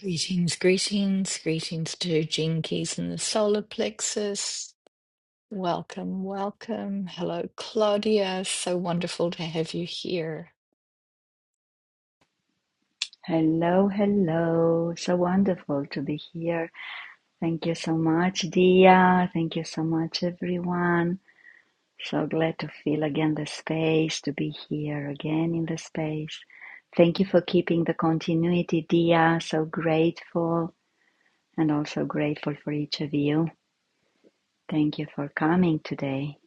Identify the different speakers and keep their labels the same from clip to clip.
Speaker 1: Greetings, greetings, greetings to Gene Keys and the solar plexus. Welcome, welcome. Hello, Claudia. So wonderful to have you here.
Speaker 2: Hello, hello. So wonderful to be here. Thank you so much, Dia. Thank you so much, everyone. So glad to feel again the space, to be here again in the space. Thank you for keeping the continuity, Dia. So grateful and also grateful for each of you. Thank you for coming today.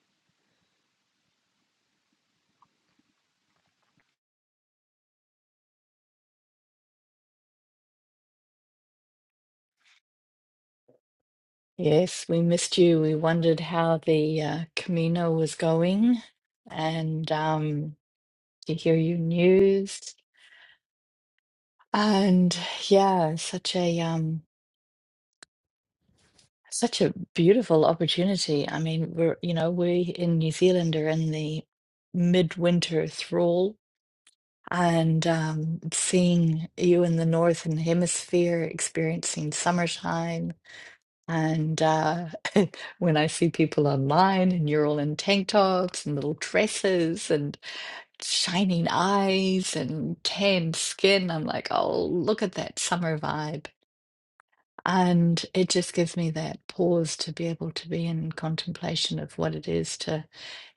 Speaker 1: Yes, we missed you. We wondered how the uh, Camino was going and um, to hear your news. And yeah, such a um, such a beautiful opportunity. I mean, we're you know we in New Zealand are in the midwinter thrall and um, seeing you in the northern hemisphere experiencing summertime. And uh, when I see people online and you're all in tank tops and little dresses and shining eyes and tanned skin, I'm like, oh, look at that summer vibe. And it just gives me that pause to be able to be in contemplation of what it is to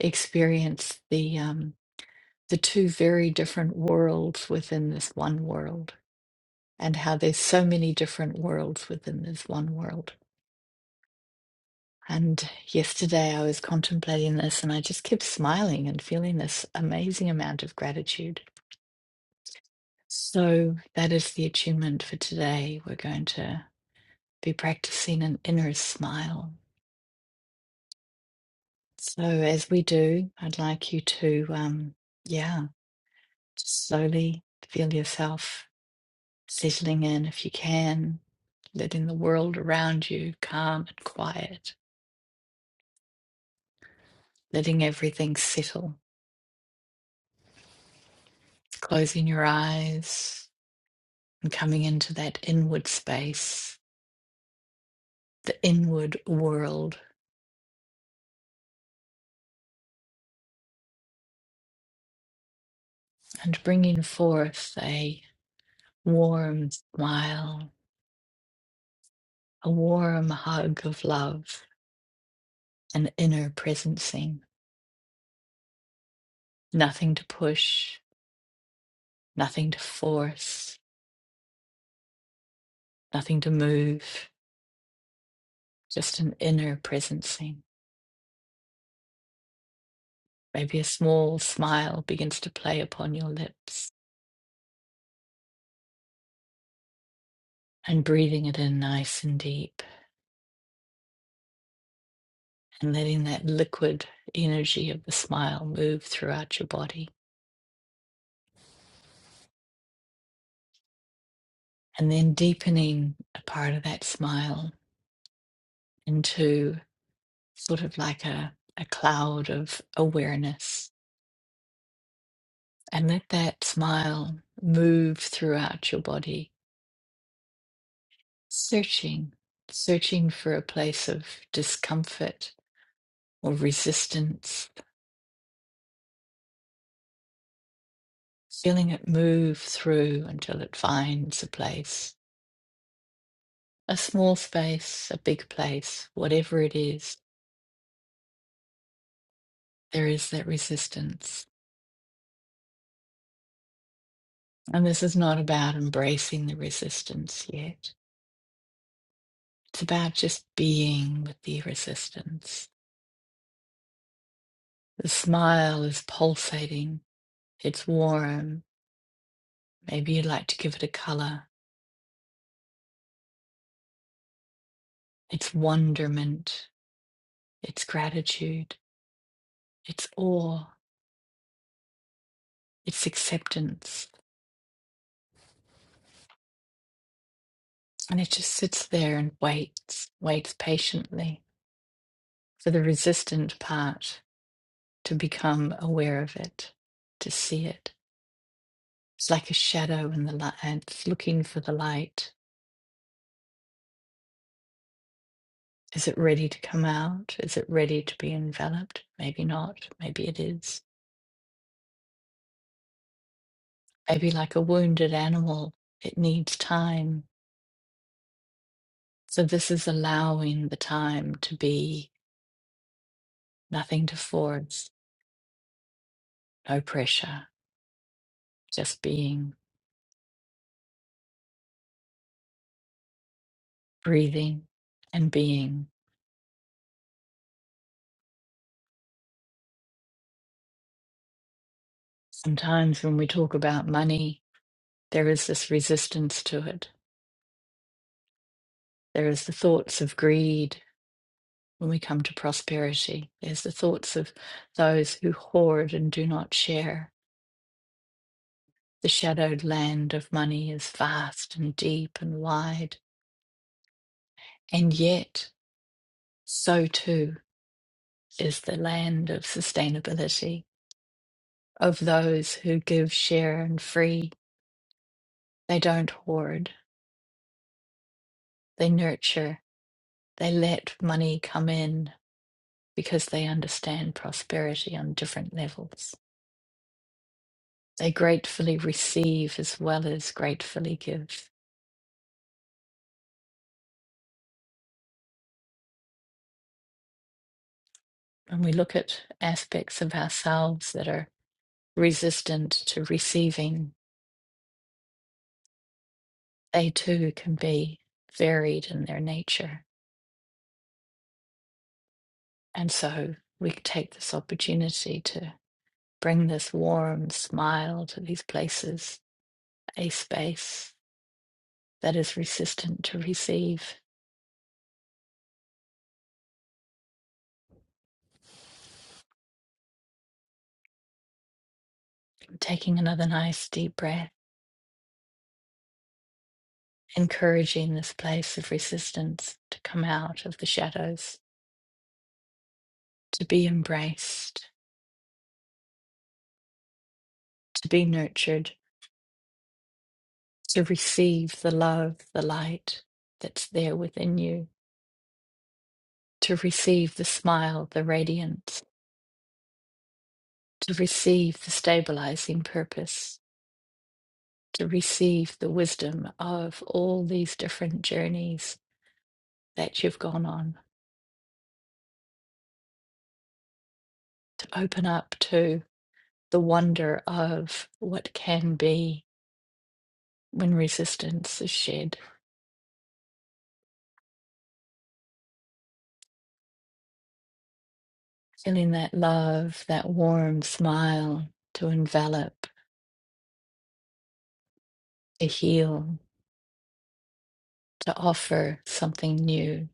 Speaker 1: experience the um, the two very different worlds within this one world, and how there's so many different worlds within this one world. And yesterday I was contemplating this and I just kept smiling and feeling this amazing amount of gratitude. So that is the attunement for today. We're going to be practicing an inner smile. So as we do, I'd like you to, um, yeah, just slowly feel yourself settling in if you can, letting the world around you calm and quiet, letting everything settle, closing your eyes and coming into that inward space, the inward world, and bringing forth a warm smile, a warm hug of love, an inner presencing. Nothing to push, nothing to force, nothing to move, just an inner presencing Maybe a small smile begins to play upon your lips and breathing it in nice and deep and letting that liquid energy of the smile move throughout your body. And then deepening a part of that smile into sort of like a, a cloud of awareness. And let that smile move throughout your body, searching, searching for a place of discomfort or resistance feeling it move through until it finds a place, a small space, a big place, whatever it is, there is that resistance. And this is not about embracing the resistance yet. It's about just being with the resistance. The smile is pulsating, it's warm. Maybe you'd like to give it a color. It's wonderment, it's gratitude, it's awe, it's acceptance. And it just sits there and waits, waits patiently for the resistant part to become aware of it, to see it. It's like a shadow in the light, and it's looking for the light. Is it ready to come out? Is it ready to be enveloped? Maybe not. Maybe it is. Maybe like a wounded animal, it needs time. So this is allowing the time to be nothing to force, no pressure, just being, breathing and being. Sometimes when we talk about money, there is this resistance to it. There is the thoughts of greed when we come to prosperity. There's the thoughts of those who hoard and do not share. The shadowed land of money is vast and deep and wide. And yet, so too is the land of sustainability, of those who give, share, and free. They don't hoard, they nurture, they let money come in because they understand prosperity on different levels. They gratefully receive as well as gratefully give. When we look at aspects of ourselves that are resistant to receiving, they too can be varied in their nature. And so we take this opportunity to bring this warm smile to these places, a space that is resistant to receive. Taking another nice deep breath encouraging this place of resistance to come out of the shadows, to be embraced, to be nurtured, to receive the love, the light that's there within you, to receive the smile, the radiance, to receive the stabilizing purpose, to receive the wisdom of all these different journeys that you've gone on, to open up to the wonder of what can be when resistance is shed feeling that love, that warm smile to envelop, to heal, to offer something new.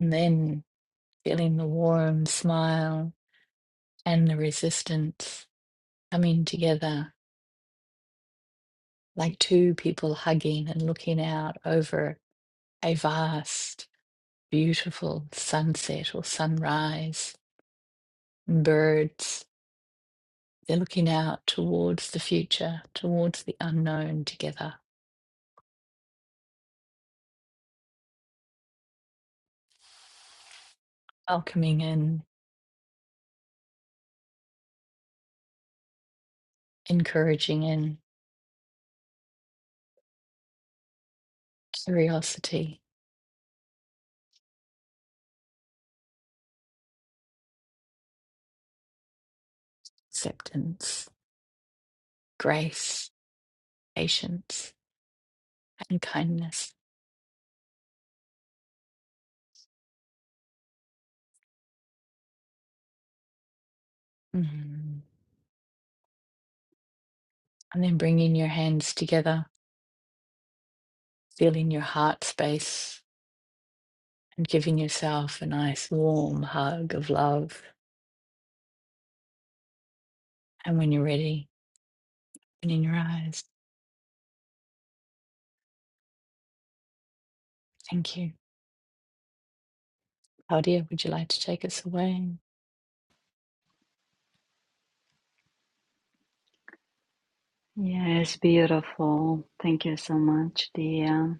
Speaker 1: And then feeling the warm smile and the resistance coming together like two people hugging and looking out over a vast, beautiful sunset or sunrise. Birds, they're looking out towards the future, towards the unknown together, welcoming in, encouraging in. curiosity, acceptance, grace, patience, and kindness. Mhm. And then bringing your hands together, feeling your heart space, and giving yourself a nice warm hug of love. And when you're ready, opening your eyes. Thank you. Claudia, would you like to take us away?
Speaker 2: Yes, beautiful. Thank you so much, Dia.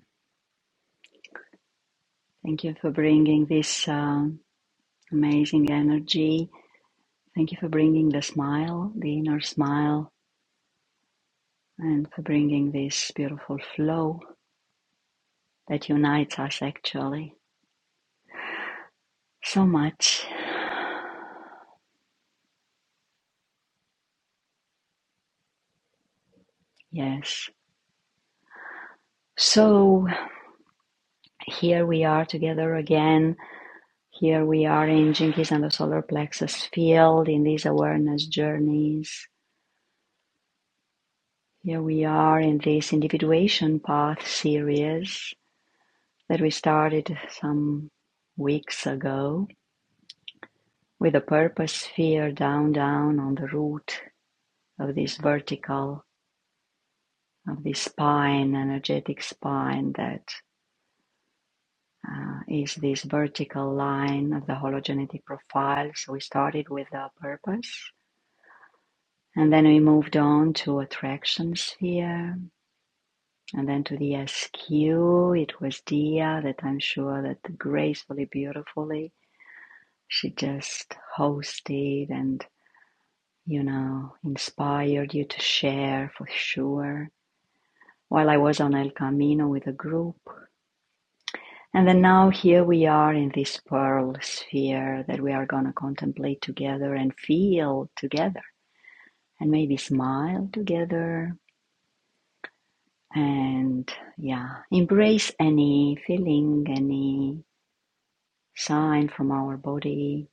Speaker 2: Thank you for bringing this um amazing energy Thank you for bringing the smile, the inner smile, and for bringing this beautiful flow that unites us actually so much. Yes. So here we are together again. Here we are in Jinkies and the solar plexus field in these awareness journeys. Here we are in this individuation path series that we started some weeks ago with the purpose sphere down, down on the root of this vertical, of this spine, energetic spine that uh, is this vertical line of the hologenetic profile. So we started with the purpose. And then we moved on to attraction sphere, and then to the SQ. It was Dia that I'm sure that gracefully, beautifully, she just hosted and, you know, inspired you to share for sure. While I was on El Camino with a group, And then now here we are in this pearl sphere that we are going to contemplate together and feel together and maybe smile together and yeah, embrace any feeling, any sign from our body,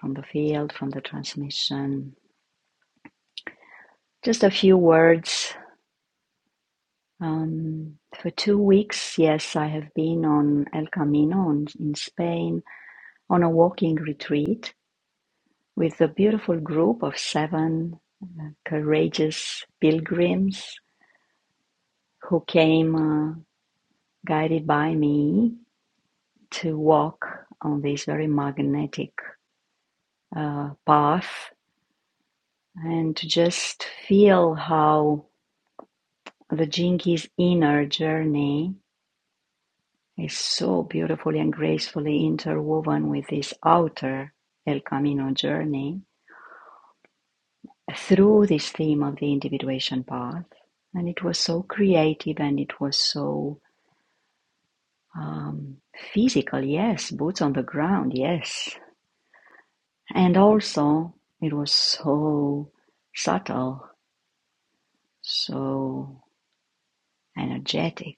Speaker 2: from the field, from the transmission. Just a few words. Um, for two weeks, yes, I have been on El Camino in Spain on a walking retreat with a beautiful group of seven courageous pilgrims who came uh, guided by me to walk on this very magnetic uh, path and to just feel how the Jinki's inner journey is so beautifully and gracefully interwoven with this outer El Camino journey through this theme of the individuation path. And it was so creative and it was so Um, physical, yes. Boots on the ground, yes. And also, it was so subtle, so energetic.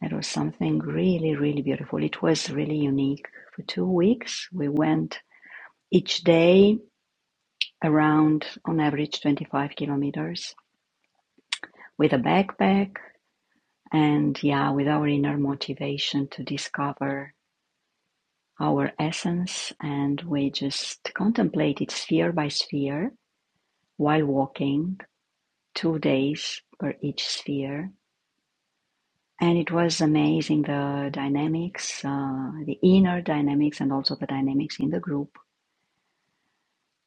Speaker 2: It was something really, really beautiful. It was really unique. For two weeks, we went each day around, on average, 25 kilometers with a backpack and, yeah, with our inner motivation to discover our essence. And we just contemplated sphere by sphere while walking, two days per each sphere. And it was amazing the dynamics, uh, the inner dynamics, and also the dynamics in the group.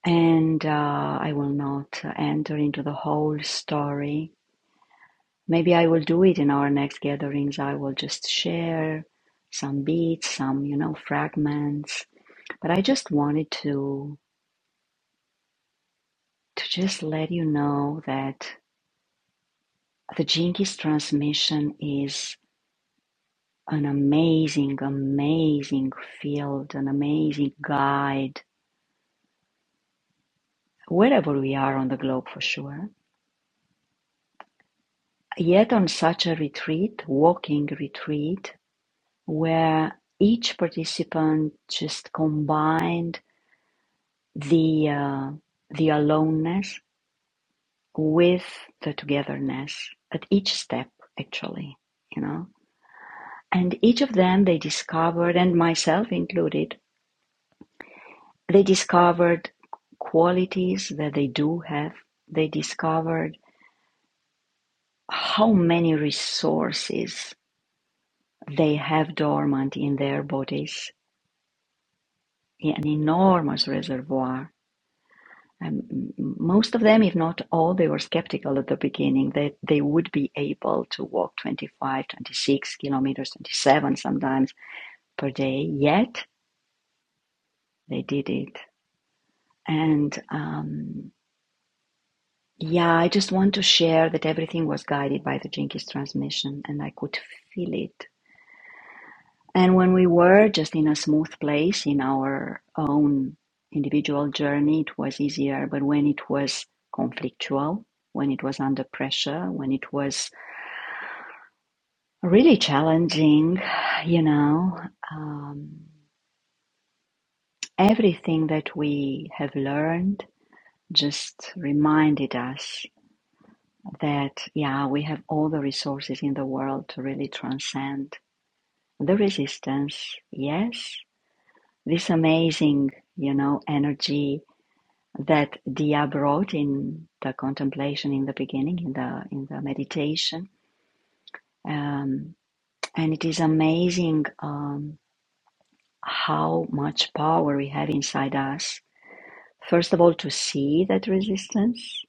Speaker 2: And uh, I will not enter into the whole story. Maybe I will do it in our next gatherings. I will just share some beats, some, you know, fragments. But I just wanted to to just let you know that the Jinkies transmission is an amazing, amazing field, an amazing guide, wherever we are on the globe for sure. Yet on such a retreat, walking retreat, where each participant just combined the uh, the aloneness with the togetherness at each step, actually, you know. And each of them they discovered, and myself included, They discovered qualities that they do have. They discovered how many resources they have dormant in their bodies, an enormous reservoir. And most of them, if not all, they were skeptical at the beginning that they would be able to walk 25, 26 kilometers, 27 sometimes per day, yet they did it. And um, Yeah, I just want to share that everything was guided by the Jinkies transmission and I could feel it. And when we were just in a smooth place in our own individual journey, it was easier. But when it was conflictual, when it was under pressure, when it was really challenging, you know, um, everything that we have learned just reminded us that, yeah, we have all the resources in the world to really transcend the resistance. Yes, this amazing, you know, energy that Dia brought in the contemplation in the beginning, in the in the meditation, um, and it is amazing um, how much power we have inside us. First of all, to see that resistance,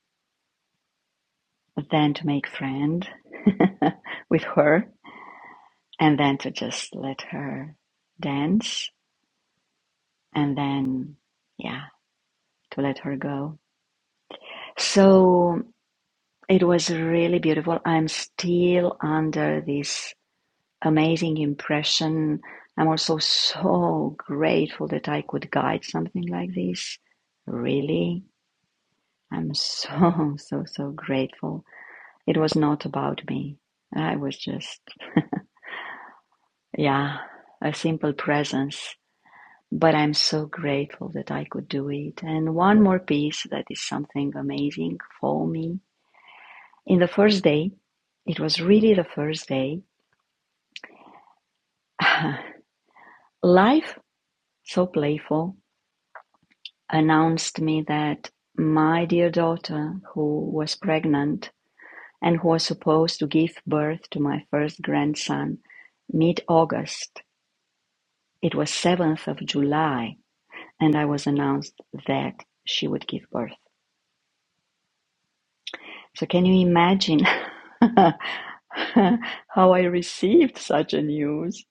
Speaker 2: then to make friend with her and then to just let her dance and then yeah to let her go so it was really beautiful i'm still under this amazing impression i'm also so grateful that i could guide something like this really i'm so so so grateful it was not about me i was just yeah a simple presence but I'm so grateful that I could do it. And one more piece that is something amazing for me. In the first day, it was really the first day, life, so playful, announced me that my dear daughter, who was pregnant and who was supposed to give birth to my first grandson mid August, it was 7th of July, and I was announced that she would give birth. So, can you imagine? how I received such a news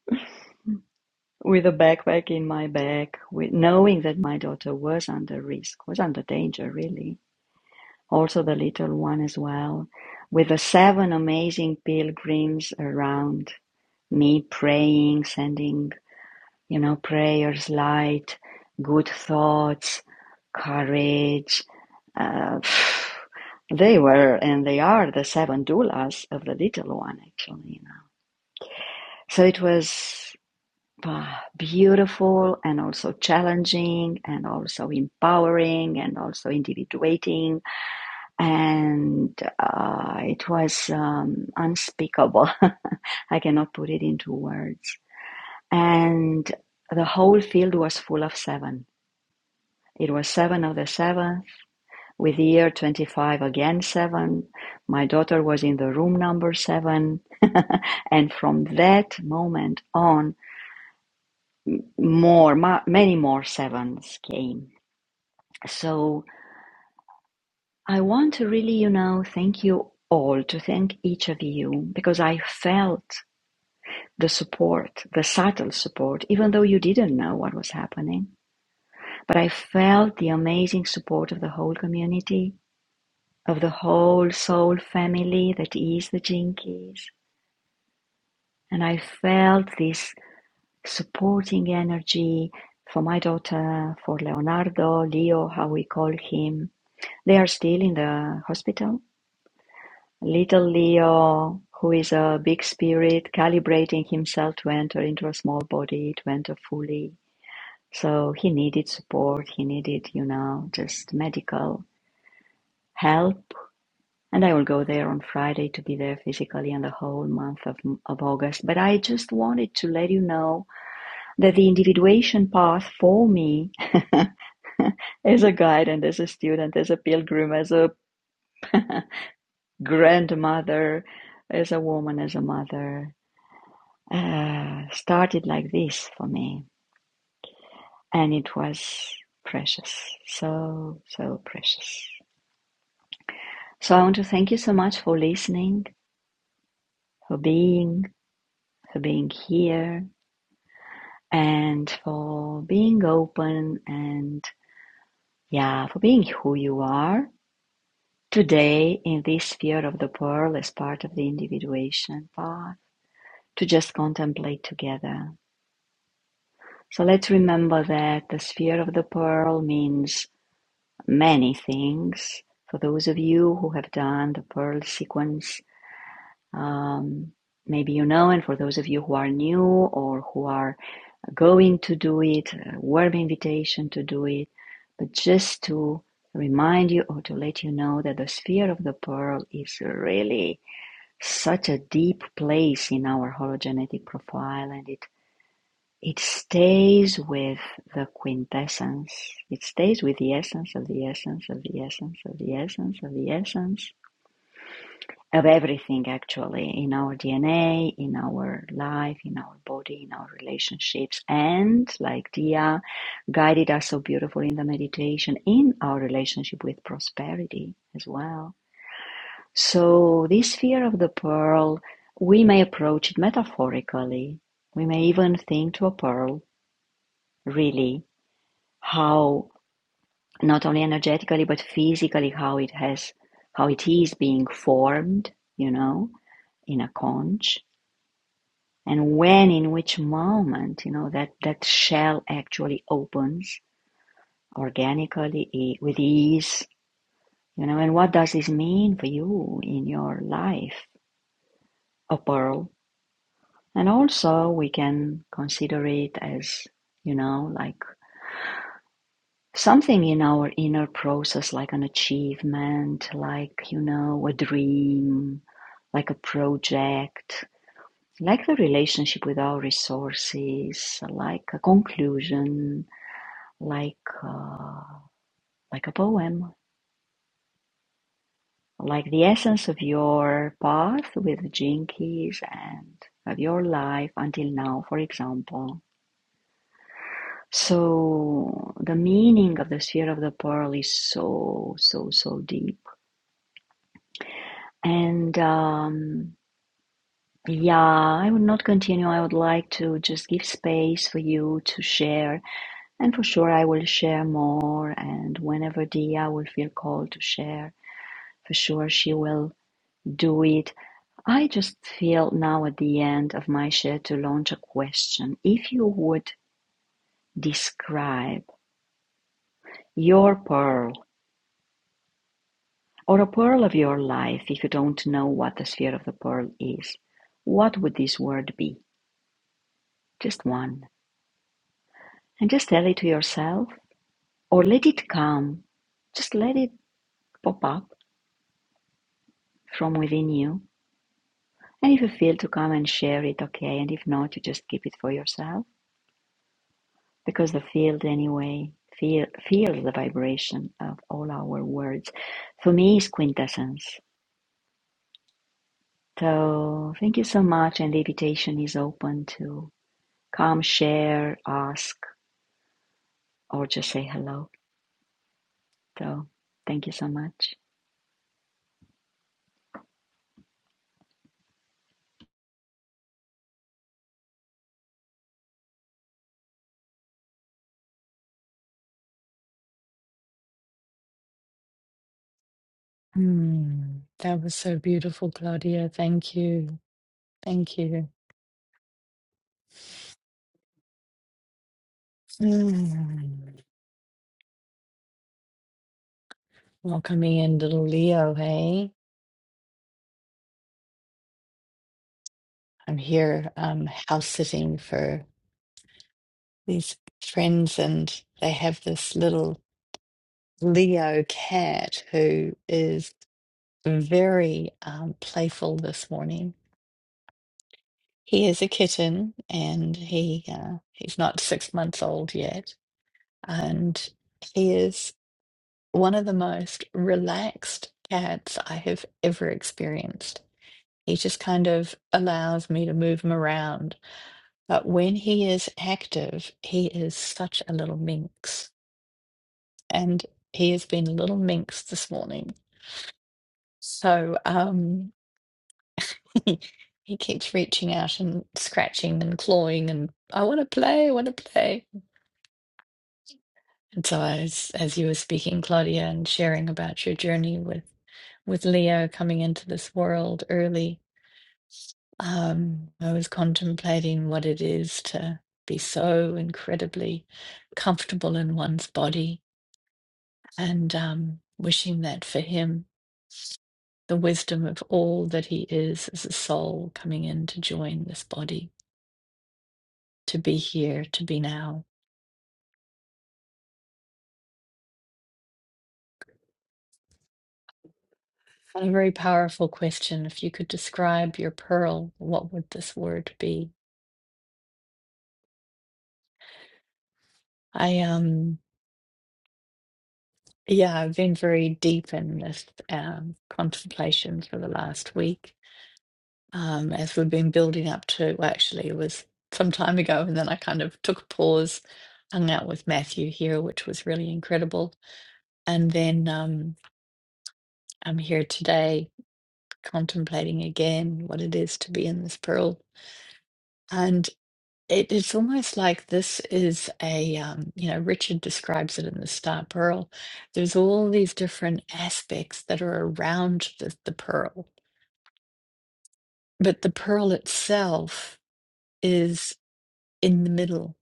Speaker 2: with a backpack in my bag, with knowing that my daughter was under risk, was under danger, really. Also, the little one as well, with the seven amazing pilgrims around me praying, sending, you know, prayers, light, good thoughts, courage. Uh, they were and they are the seven doulas of the little one, actually. You know. So it was ah, beautiful and also challenging and also empowering and also individuating. And uh, it was um, unspeakable. I cannot put it into words. And the whole field was full of seven. It was seven of the seventh, with the year 25 again seven. My daughter was in the room number seven. and from that moment on, more, ma- many more sevens came So I want to really, you know, thank you all, to thank each of you, because I felt the support, the subtle support, even though you didn't know what was happening. But I felt the amazing support of the whole community, of the whole soul family that is the Jinkies. And I felt this supporting energy for my daughter, for Leonardo, Leo, how we call him. They are still in the hospital Little Leo, who is a big spirit, calibrating himself to enter into a small body, to enter fully. So he needed support, he needed, you know, just medical help. And I will go there on Friday to be there physically and the whole month of, of August. But I just wanted to let you know that the individuation path for me as a guide and as a student, as a pilgrim, as a grandmother, as a woman, as a mother. uh, started like this for me, and it was precious, so so precious. So I want to thank you so much for listening, for being, for being here, and for being open and yeah, for being who you are today in this sphere of the pearl as part of the individuation path to just contemplate together. So let's remember that the sphere of the pearl means many things. For those of you who have done the Pearl sequence, um, maybe you know, and for those of you who are new or who are going to do it, a warm invitation to do it, but just to remind you or to let you know that the sphere of the pearl is really such a deep place in our hologenetic profile and it it stays with the quintessence, it stays with the essence of the essence of the essence of the essence of the essence of everything actually in our DNA, in our life, in our body, in our relationships, and like Dia guided us so beautifully in the meditation, in our relationship with prosperity as well. So, this fear of the pearl, we may approach it metaphorically. We may even think to a pearl, really, how not only energetically but physically how it has how it is being formed you know in a conch and when in which moment you know that that shell actually opens organically e- with ease you know and what does this mean for you in your life a pearl and also we can consider it as you know like something in our inner process like an achievement like you know a dream like a project like the relationship with our resources like a conclusion like uh, like a poem like the essence of your path with jinkies and of your life until now for example so the meaning of the sphere of the pearl is so so so deep And um, yeah, I would not continue. I would like to just give space for you to share. And for sure, I will share more. And whenever Dia will feel called to share, for sure, she will do it. I just feel now at the end of my share to launch a question. If you would describe your pearl or a pearl of your life, if you don't know what the sphere of the pearl is, what would this word be? Just one. and just tell it to yourself or let it come. Just let it pop up from within you. And if you feel to come and share it, okay. And if not, you just keep it for yourself because the field, anyway, feel, feels the vibration of all our words. For me, is quintessence. So thank you so much. And the invitation is open to come, share, ask, or just say hello. So thank you so much.
Speaker 1: Mm, that was so beautiful, Claudia. Thank you. Thank you. Mm. Welcoming in little Leo, hey? I'm here um, house sitting for these friends, and they have this little Leo cat who is very um, playful this morning. He is a kitten, and he uh, he's not six months old yet, and he is one of the most relaxed cats I have ever experienced. He just kind of allows me to move him around But when he is active, he is such a little minx. And he has been a little minx this morning. So um, he keeps reaching out and scratching and clawing and I want to play, I want to play. And so as as you were speaking, Claudia, and sharing about your journey with with Leo coming into this world early, um, I was contemplating what it is to be so incredibly comfortable in one's body and um, wishing that for him, the wisdom of all that he is as a soul coming in to join this body, to be here, to be now. And a very powerful question. If you could describe your pearl, what would this word be? I um yeah, I've been very deep in this um, contemplation for the last week. Um, as we've been building up to, well, actually, it was some time ago, and then I kind of took a pause, hung out with Matthew here, which was really incredible And then um, I'm here today contemplating again what it is to be in this pearl. And it, it's almost like this is a, um, you know, Richard describes it in The Star Pearl. There's all these different aspects that are around the, the pearl, but the pearl itself is in the middle.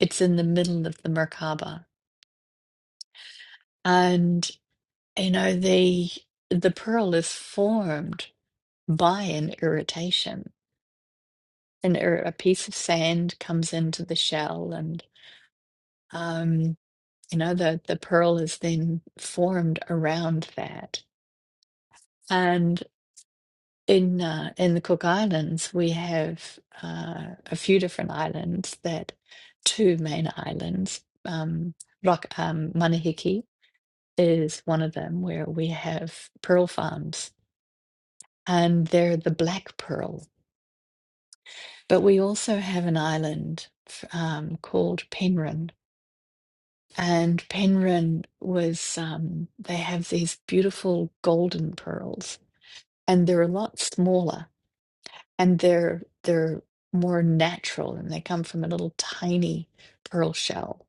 Speaker 1: It's in the middle of the Merkaba. And, you know, the, the pearl is formed by an irritation and or a piece of sand comes into the shell and um you know the the pearl is then formed around that and in uh, in the Cook Islands we have uh, a few different islands that two main islands um Rock um Manahiki is one of them where we have pearl farms and they're the black pearl but we also have an island f- um, called Penrhyn. And Penryn was, um, they have these beautiful golden pearls, and they're a lot smaller and they're they're more natural and they come from a little tiny pearl shell.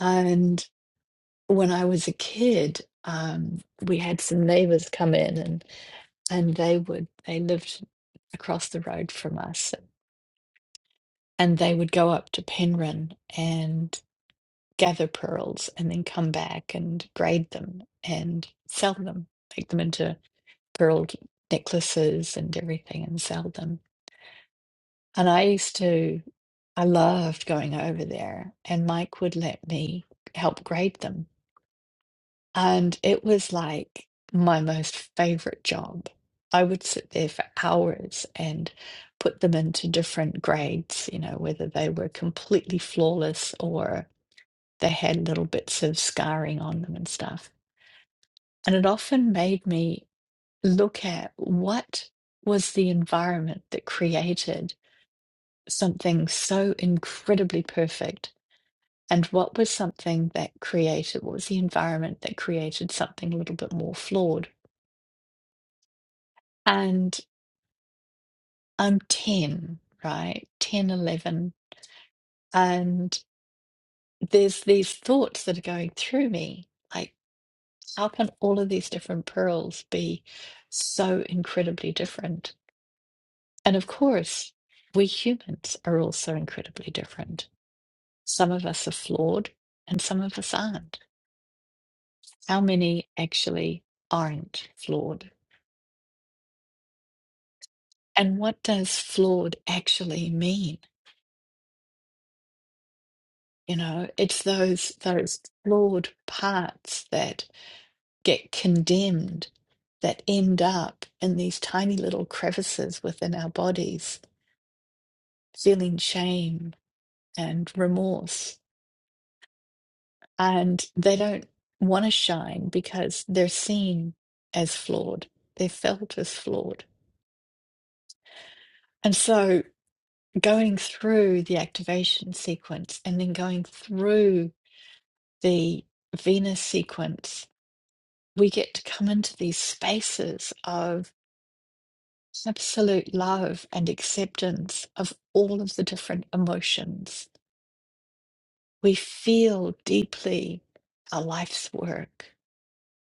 Speaker 1: And when I was a kid, um, we had some neighbors come in and and they would they lived across the road from us and they would go up to Penryn gather pearls and then come back and braid them and sell them, make them into pearl necklaces and everything and sell them. And I used to, I loved going over there, and Mike would let me help grade them. And it was like my most favorite job. I would sit there for hours and put them into different grades, you know, whether they were completely flawless or they had little bits of scarring on them and stuff. And it often made me look at what was the environment that created something so incredibly perfect and what was something that created what was the environment that created something a little bit more flawed and i'm 10 right 10, 11, and there's these thoughts that are going through me like. How can all of these different pearls be so incredibly different? And of course, we humans are also incredibly different. Some of us are flawed and some of us aren't. How many actually aren't flawed? And what does flawed actually mean? You know, it's those those flawed parts that get condemned that end up in these tiny little crevices within our bodies, feeling shame and remorse. And they don't want to shine because they're seen as flawed, they're felt as flawed. And so going through the activation sequence and then going through the Venus sequence, we get to come into these spaces of absolute love and acceptance of all of the different emotions. We feel deeply our life's work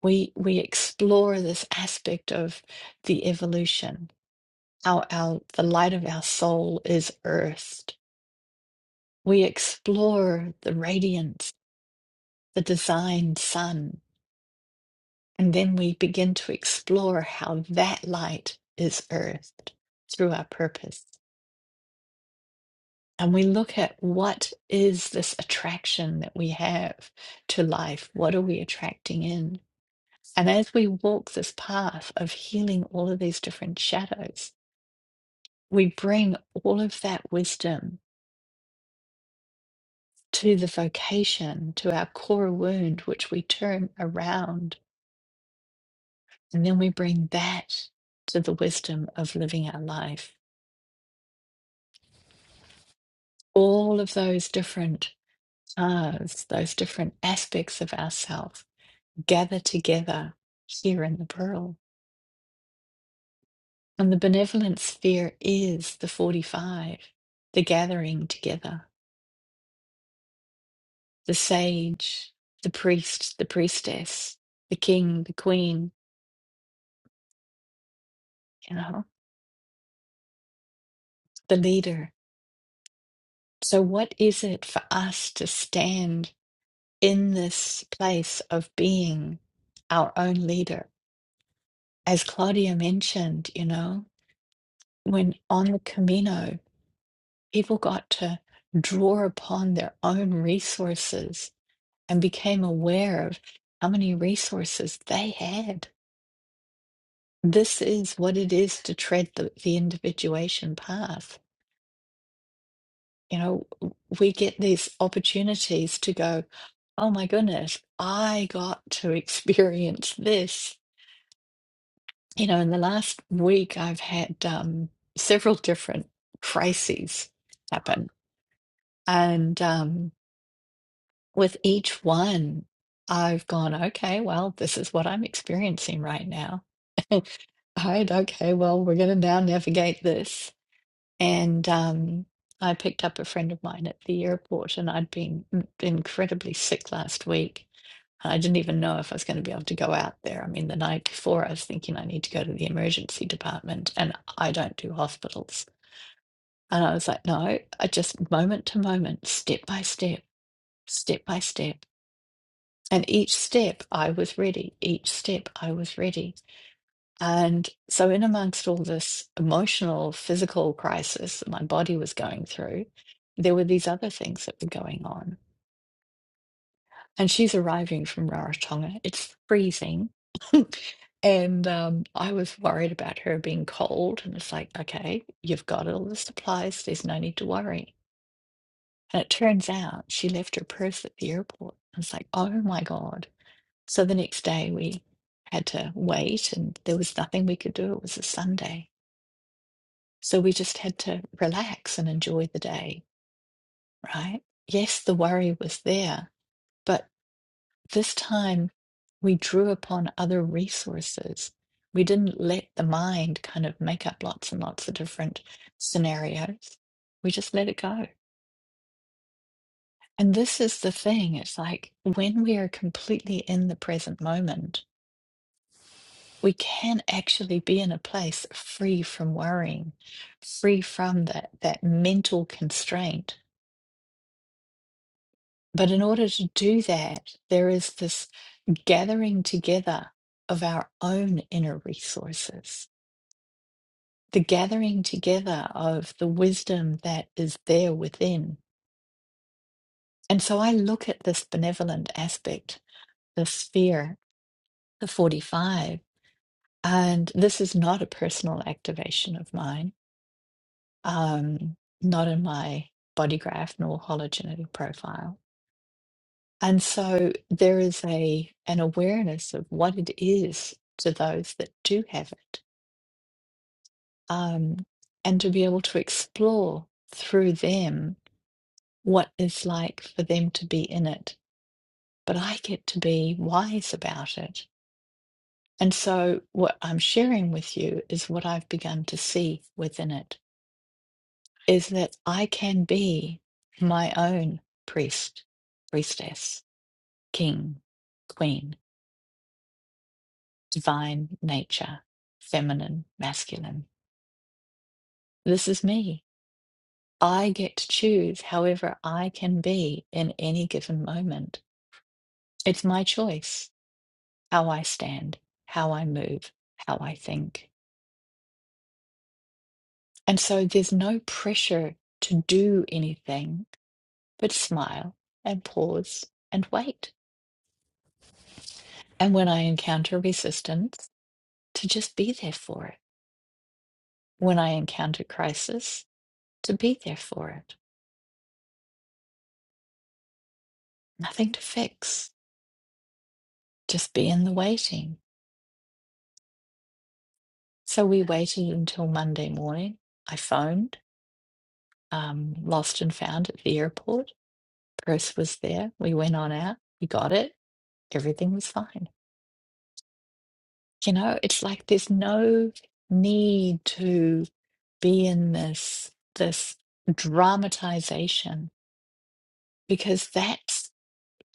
Speaker 1: we we explore this aspect of the evolution how our the light of our soul is earthed we explore the radiance the designed sun and then we begin to explore how that light is earthed through our purpose and we look at what is this attraction that we have to life what are we attracting in and as we walk this path of healing all of these different shadows we bring all of that wisdom to the vocation, to our core wound, which we turn around. And then we bring that to the wisdom of living our life. All of those different paths, those different aspects of ourself gather together here in the pearl. And the benevolent sphere is the 45, the gathering together, the sage, the priest, the priestess, the king, the queen, you know the leader. So, what is it for us to stand in this place of being our own leader? As Claudia mentioned, you know, when on the Camino, people got to draw upon their own resources and became aware of how many resources they had. This is what it is to tread the, the individuation path you know, we get these opportunities to go, oh my goodness, I got to experience this. You know, in the last week, I've had um, several different crises happen. And um, with each one, I've gone, okay, well, this is what I'm experiencing right now. All right, okay, well, we're going to now navigate this. And um, I picked up a friend of mine at the airport, and I'd been m- incredibly sick last week. I didn't even know if I was going to be able to go out there. I mean, the night before, I was thinking I need to go to the emergency department, and I don't do hospitals. And I was like, no, I just moment to moment, step by step, step by step. And each step, I was ready. Each step, I was ready and so, in amongst all this emotional, physical crisis that my body was going through, there were these other things that were going on. And she's arriving from Rarotonga. It's freezing. and um, I was worried about her being cold. And it's like, okay, you've got all the supplies. There's no need to worry. And it turns out she left her purse at the airport. I was like, oh my God. So the next day we had to wait, and there was nothing we could do. It was a Sunday So we just had to relax and enjoy the day, right? Yes, the worry was there, but this time we drew upon other resources. We didn't let the mind kind of make up lots and lots of different scenarios. We just let it go. And this is the thing it's like when we are completely in the present moment, we can actually be in a place free from worrying, free from that, that mental constraint But in order to do that, there is this gathering together of our own inner resources, the gathering together of the wisdom that is there within. And so I look at this benevolent aspect, the sphere, the 45, and this is not a personal activation of mine, um, not in my body graph nor hologenetic profile And so there is a an awareness of what it is to those that do have it, um, and to be able to explore through them what it's like for them to be in it. But I get to be wise about it. And so what I'm sharing with you is what I've begun to see within it is that I can be my own priest, priestess, king, queen divine nature, feminine, masculine. This is me. I get to choose however I can be in any given moment. It's my choice how I stand, how I move, how I think. And so there's no pressure to do anything but smile and pause and wait. And when I encounter resistance, to just be there for it. When I encounter crisis, to be there for it. Nothing to fix just be in the waiting. So we waited until Monday morning. I phoned, um, lost and found at the airport. Bruce was there. We went on out. We got it. Everything was fine. You know, it's like there's no need to be in this this dramatization because that's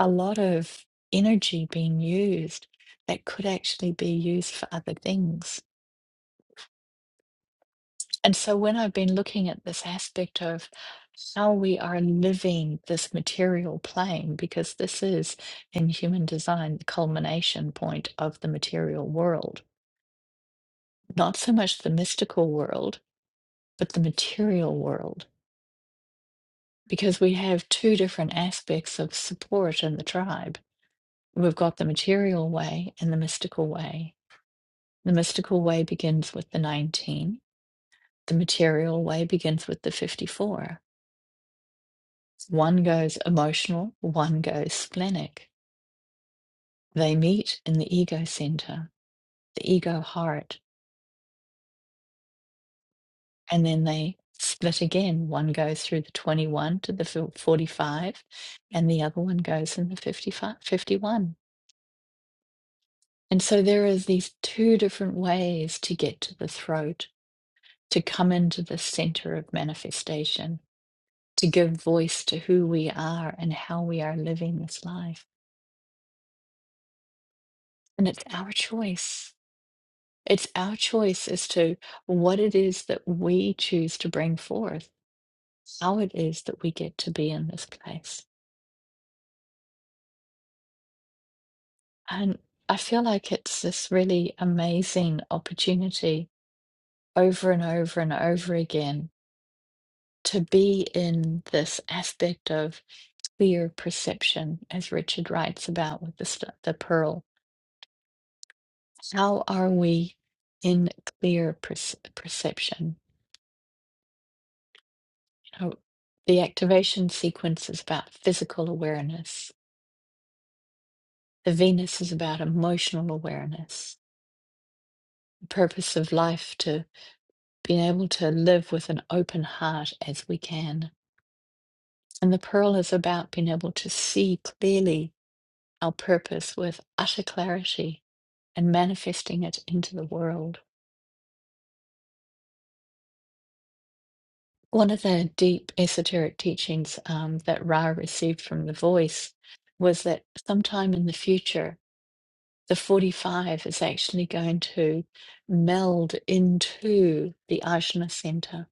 Speaker 1: a lot of energy being used that could actually be used for other things And so when I've been looking at this aspect of how we are living this material plane, because this is in human design the culmination point of the material world, not so much the mystical world, but the material world, because we have two different aspects of support in the tribe. We've got the material way and the mystical way. The mystical way begins with the 19, the material way begins with the 54. One goes emotional, one goes splenic. They meet in the ego center, the ego heart, and then they split again. One goes through the 21 to the 45, and the other one goes in the 55, 51. And so there is these two different ways to get to the throat, to come into the center of manifestation, to give voice to who we are and how we are living this life. And it's our choice It's our choice as to what it is that we choose to bring forth, how it is that we get to be in this place. And I feel like it's this really amazing opportunity over and over and over again to be in this aspect of clear perception, as Richard writes about with the, st- the pearl. How are we in clear perce- perception? You know, the activation sequence is about physical awareness The Venus is about emotional awareness, the purpose of life to being able to live with an open heart as we can. And the Pearl is about being able to see clearly our purpose with utter clarity and manifesting it into the world. One of the deep esoteric teachings um, that Ra received from the voice was that sometime in the future, the 45 is actually going to meld into the Ajna Center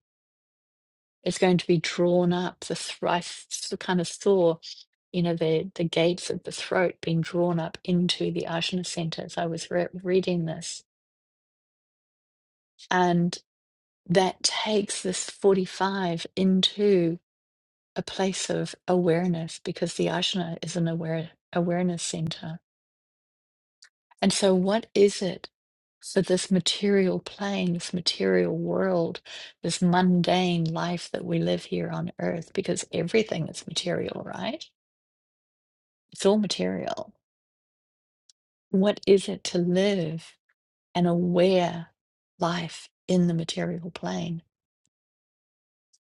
Speaker 1: It's going to be drawn up. The thr- I s- kind of saw, you know, the the gates of the throat being drawn up into the Ajna center as I was re- reading this, and that takes this forty five into a place of awareness because the Ajna is an aware awareness center. And so, what is it for this material plane, this material world, this mundane life that we live here on earth, because everything is material, right? It's all material. What is it to live an aware life in the material plane?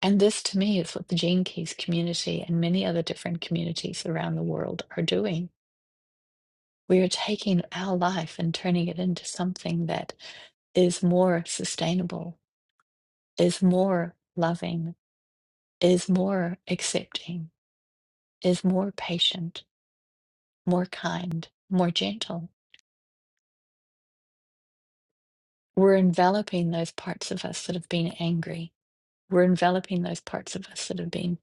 Speaker 1: And this, to me, is what the Gene Keys community and many other different communities around the world are doing. We are taking our life and turning it into something that is more sustainable, is more loving, is more accepting, is more patient, more kind, more gentle. We're enveloping those parts of us that have been angry We're enveloping those parts of us that have been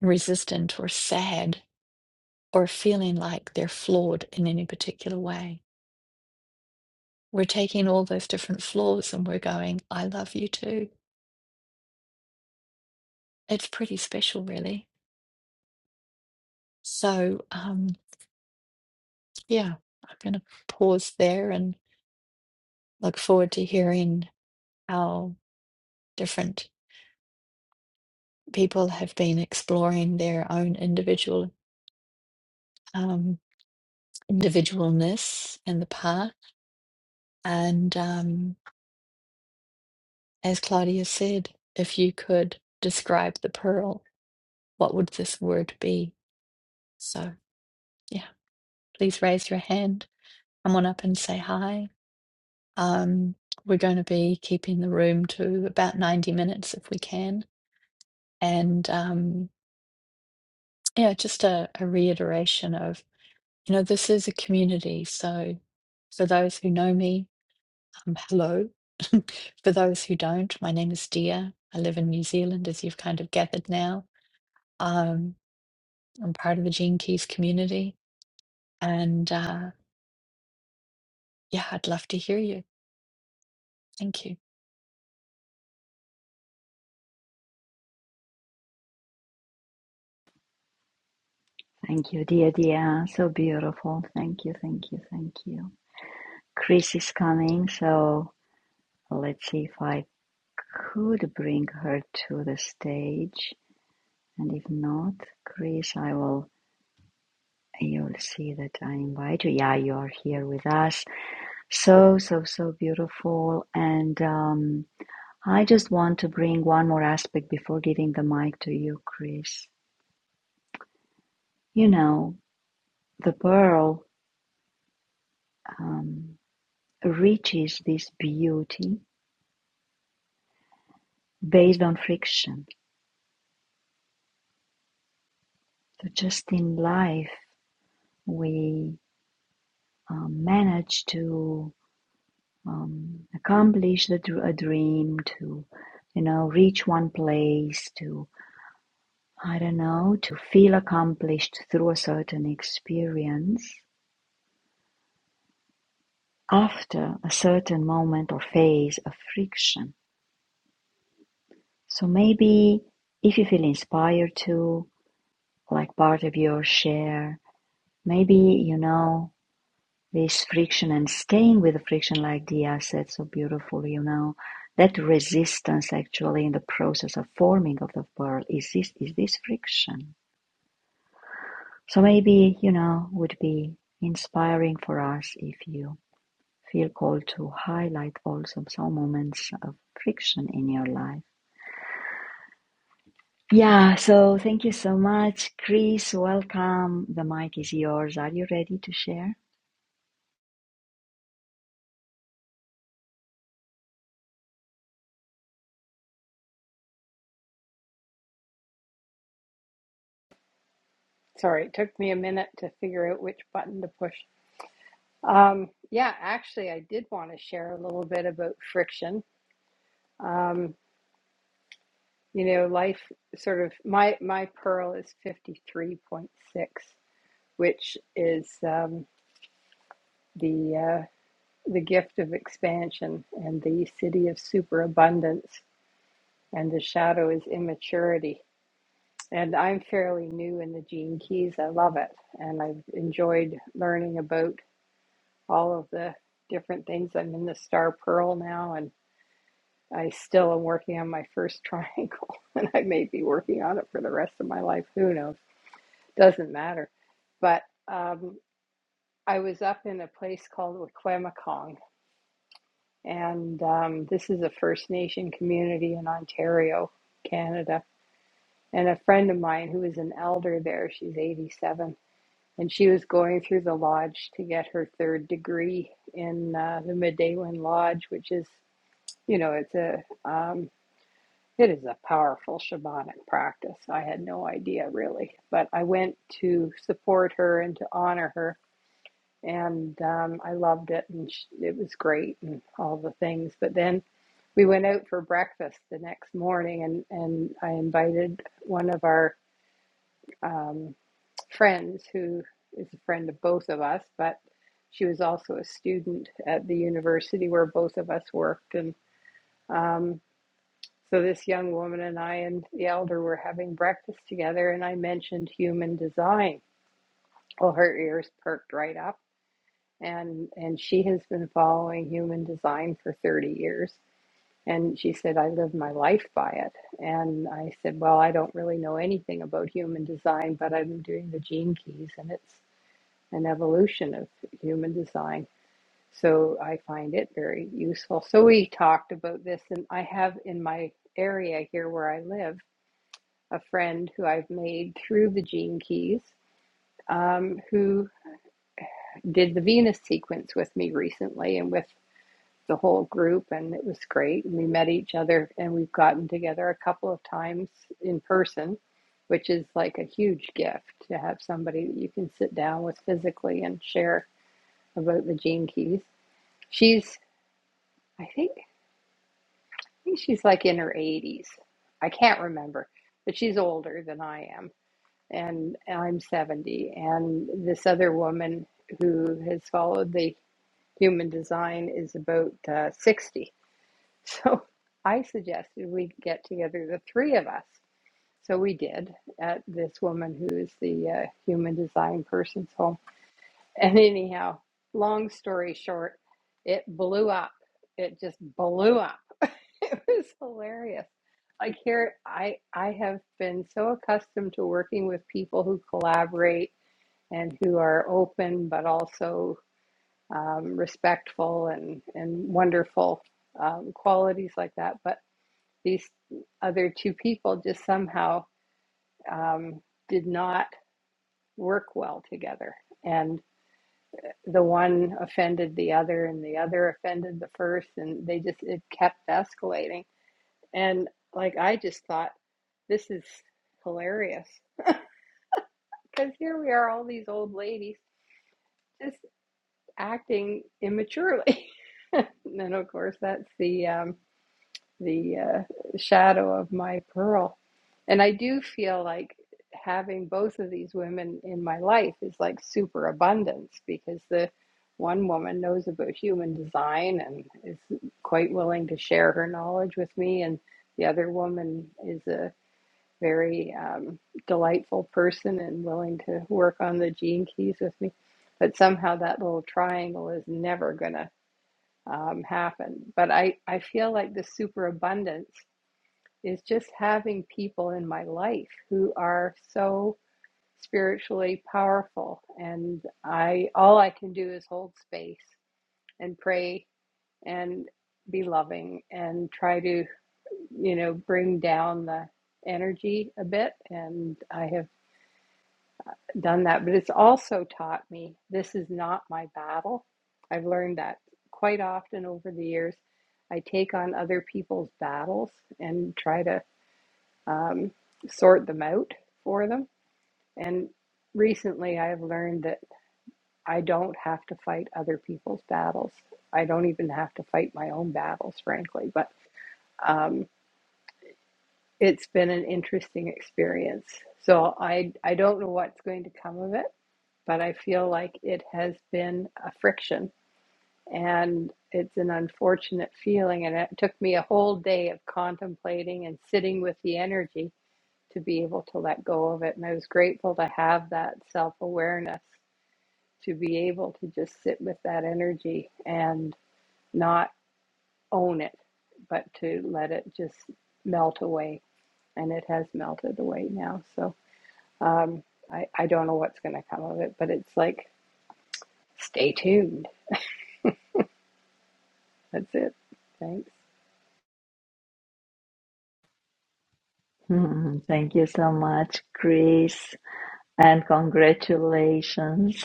Speaker 1: resistant or sad or feeling like they're flawed in any particular way. We're taking all those different flaws and we're going, I love you too. It's pretty special, really. So, um, yeah, I'm going to pause there and look forward to hearing how different people have been exploring their own individual um, individualness and the path. And um, As Claudia said, if you could describe the pearl, what would this word be? So, yeah, please raise your hand. Come on up and say hi. Um, we're going to be keeping the room to about 90 minutes if we can. And um, yeah, just a, a reiteration of, you know, this is a community. So, for those who know me, um, hello. for those who don't, my name is Dia. I live in New Zealand, as you've kind of gathered now. Um, I'm part of the Gene Keys community. And uh, yeah, I'd love to hear you. Thank you.
Speaker 2: Thank you, dear, dear. So beautiful. Thank you, thank you, thank you. Chris is coming, so let's see if I could bring her to the stage. And if not, Chris, I will, you'll see that I invite you. Yeah, you are here with us. So, so, so beautiful. And um, I just want to bring one more aspect before giving the mic to you, Chris. You know, the pearl um, reaches this beauty based on friction. So just in life, we um, manage to um, accomplish the, a dream, to you know reach one place, to I don't know, to feel accomplished through a certain experience after a certain moment or phase of friction. So maybe if you feel inspired to, like part of your share, maybe you know This friction and staying with the friction like Dia said so beautifully, you know, that resistance actually in the process of forming of the world is this is this friction. So maybe, you know, would be inspiring for us if you feel called to highlight also some moments of friction in your life. Yeah, so thank you so much. Chris, welcome. The mic is yours. Are you ready to share?
Speaker 3: Sorry, it took me a minute to figure out which button to push. Um, yeah, actually, I did want to share a little bit about friction. Um, you know, life sort of my my pearl is fifty three point six, which is um, the uh, the gift of expansion and the city of superabundance, and the shadow is immaturity. And I'm fairly new in the Gene Keys. I love it, and I've enjoyed learning about all of the different things. I'm in the Star Pearl now, and I still am working on my first triangle, and I may be working on it for the rest of my life. Who knows? Doesn't matter. But um, I was up in a place called Wequemacong, and um, this is a First Nation community in Ontario, Canada. And a friend of mine who is an elder there, she's 87, and she was going through the lodge to get her third degree in uh, the Medewin Lodge, which is You know, it's a um, it is a powerful shamanic practice. I had no idea really, but I went to support her and to honor her, and um, I loved it, and sh it was great, and all the things. But then we went out for breakfast the next morning, and and I invited one of our um, friends who is a friend of both of us, but she was also a student at the university where both of us worked, and um, So this young woman and I and the elder were having breakfast together, and I mentioned human design. Well, her ears perked right up, and and she has been following human design for 30 years. And she said, I live my life by it. And I said, Well, I don't really know anything about human design, but I've been doing the gene keys, and it's an evolution of human design. So I find it very useful. So we talked about this, and I have in my area here where I live. a friend who I've made through the Gene Keys, um, who did the Venus sequence with me recently and with the whole group, and it was great. We met each other and we've gotten together a couple of times in person, which is like a huge gift to have somebody that you can sit down with physically and share about the Gene Keys. She's, I think, I think she's like in her 80s. I can't remember, but she's older than I am and I'm 70. And this other woman who has followed the human design is about uh, 60. So I suggested we get together, the three of us. So we did at this woman who is the uh, human design person's home. And anyhow, long story short, it blew up. It just blew up. It was hilarious. Like here, I I have been so accustomed to working with people who collaborate and who are open but also um, respectful and, and wonderful um, qualities like that. But these other two people just somehow um, did not work well together. And the one offended the other, and the other offended the first, and they just, it kept escalating. And like, I just thought, this is hilarious because here we are, all these old ladies just acting immaturely. And then, of course, that's the um, the uh, shadow of my pearl. And I do feel like having both of these women in my life is like super abundance because the one woman knows about human design and is quite willing to share her knowledge with me, and the other woman is a very um, delightful person and willing to work on the gene keys with me. But somehow that little triangle is never going to um, happen. But I, I feel like the superabundance is just having people in my life who are so spiritually powerful. And I all I can do is hold space and pray and be loving and try to, you know, bring down the energy a bit. And I have done that, but it's also taught me this is not my battle. I've learned that quite often over the years. I take on other people's battles and try to um, sort them out for them. And recently I've learned that I don't have to fight other people's battles. I don't even have to fight my own battles, frankly. But um, it's been an interesting experience. So I, I don't know what's going to come of it but I feel like it has been a friction and it's an unfortunate feeling. And it took me a whole day of contemplating and sitting with the energy to be able to let go of it. And I was grateful to have that self awareness to be able to just sit with that energy and not own it, but to let it just melt away. And it has melted away now. So um, I, I don't know what's going to come of it, but it's like, stay tuned That's it. Thanks.
Speaker 2: thank you so much, Chris. And congratulations,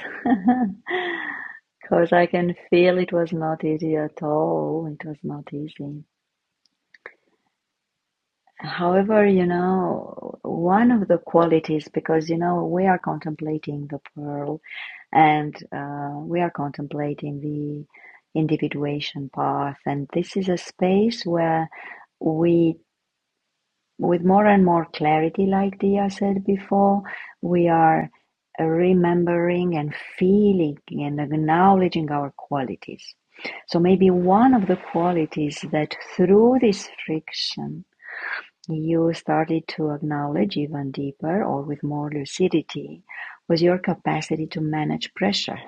Speaker 2: because I can feel it was not easy at all. It was not easy. However, you know, one of the qualities, because you know, we are contemplating the pearl and uh, we are contemplating the individuation path, and this is a space where we with more and more clarity, like Dia said before, we are remembering and feeling and acknowledging our qualities. So maybe one of the qualities that through this friction you started to acknowledge even deeper or with more lucidity was your capacity to manage pressure.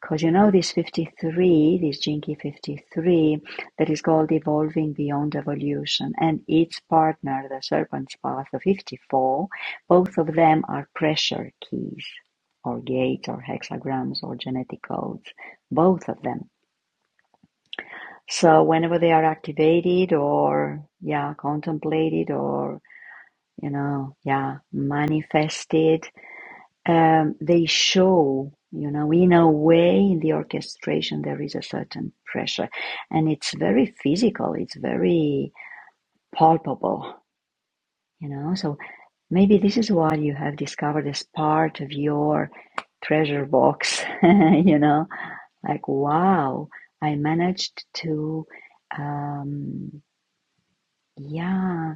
Speaker 2: Because you know this 53, this Jinky 53, that is called Evolving Beyond Evolution, and its partner, the Serpent's Path, the 54, both of them are pressure keys, or gates, or hexagrams, or genetic codes, both of them. So whenever they are activated, or yeah, contemplated, or you know, yeah, manifested, um, they show, you know, in a way, in the orchestration, there is a certain pressure. And it's very physical, it's very palpable, you know. So maybe this is why you have discovered as part of your treasure box, you know, like, wow, I managed to, um, yeah.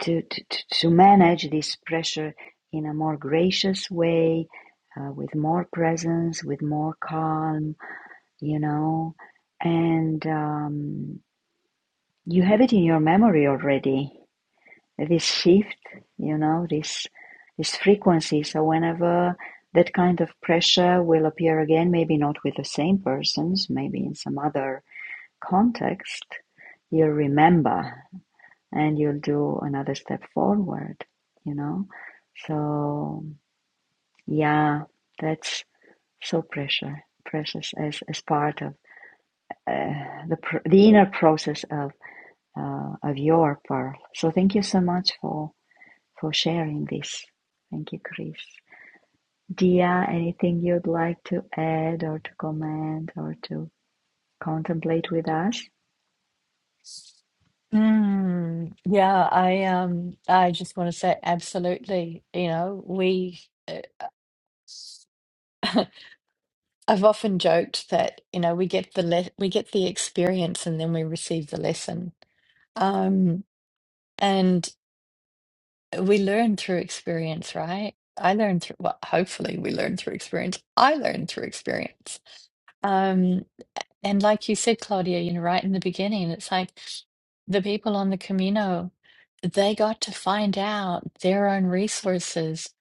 Speaker 2: to, to, to manage this pressure in a more gracious way, uh, with more presence, with more calm, you know. And um, you have it in your memory already, this shift, you know, this, this frequency. So whenever that kind of pressure will appear again, maybe not with the same persons, maybe in some other context, you remember and you'll do another step forward, you know? So, yeah, that's so precious, precious as, as part of uh, the, the inner process of, uh, of your pearl. So, thank you so much for, for sharing this. Thank you, Chris. Dia, anything you'd like to add or to comment or to contemplate with us?
Speaker 1: Mm, yeah, I um, I just want to say absolutely. You know, we uh, I've often joked that you know we get the le we get the experience and then we receive the lesson. Um, and we learn through experience, right? I learn through well, hopefully we learn through experience. I learn through experience. Um And like you said, Claudia, you know, right in the beginning, it's like the people on the Camino, they got to find out their own resources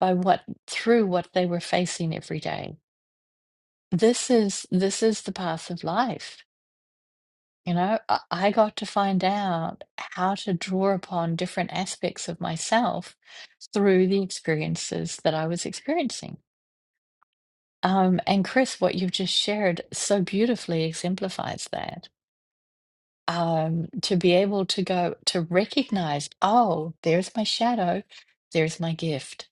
Speaker 1: by what through what they were facing every day. This is this is the path of life. You know, I, I got to find out how to draw upon different aspects of myself through the experiences that I was experiencing. Um, and Chris, what you've just shared so beautifully exemplifies that. um, to be able to go to recognize, oh, there's my shadow, there's my gift.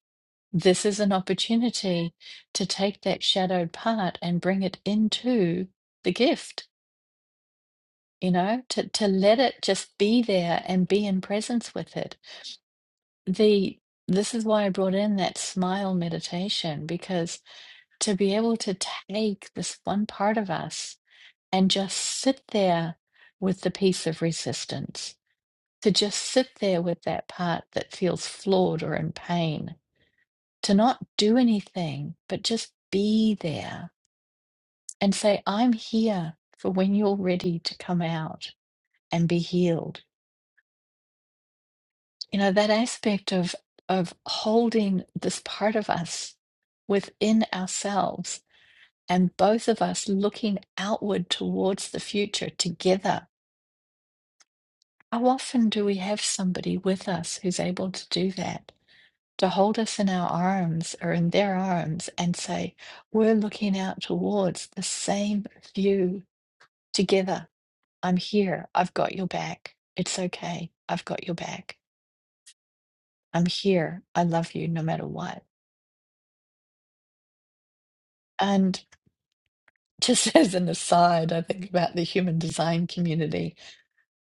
Speaker 1: This is an opportunity to take that shadowed part and bring it into the gift, you know, to, to let it just be there and be in presence with it. The this is why I brought in that smile meditation, because to be able to take this one part of us and just sit there with the piece of resistance to just sit there with that part that feels flawed or in pain, to not do anything, but just be there and say, I'm here for when you're ready to come out and be healed. You know, that aspect of, of holding this part of us within ourselves and both of us looking outward towards the future together. How often do we have somebody with us who's able to do that? to hold us in our arms or in their arms and say, We're looking out towards the same view together. I'm here. I've got your back. It's okay. I've got your back. I'm here. I love you no matter what. And just as an aside, I think about the human design community.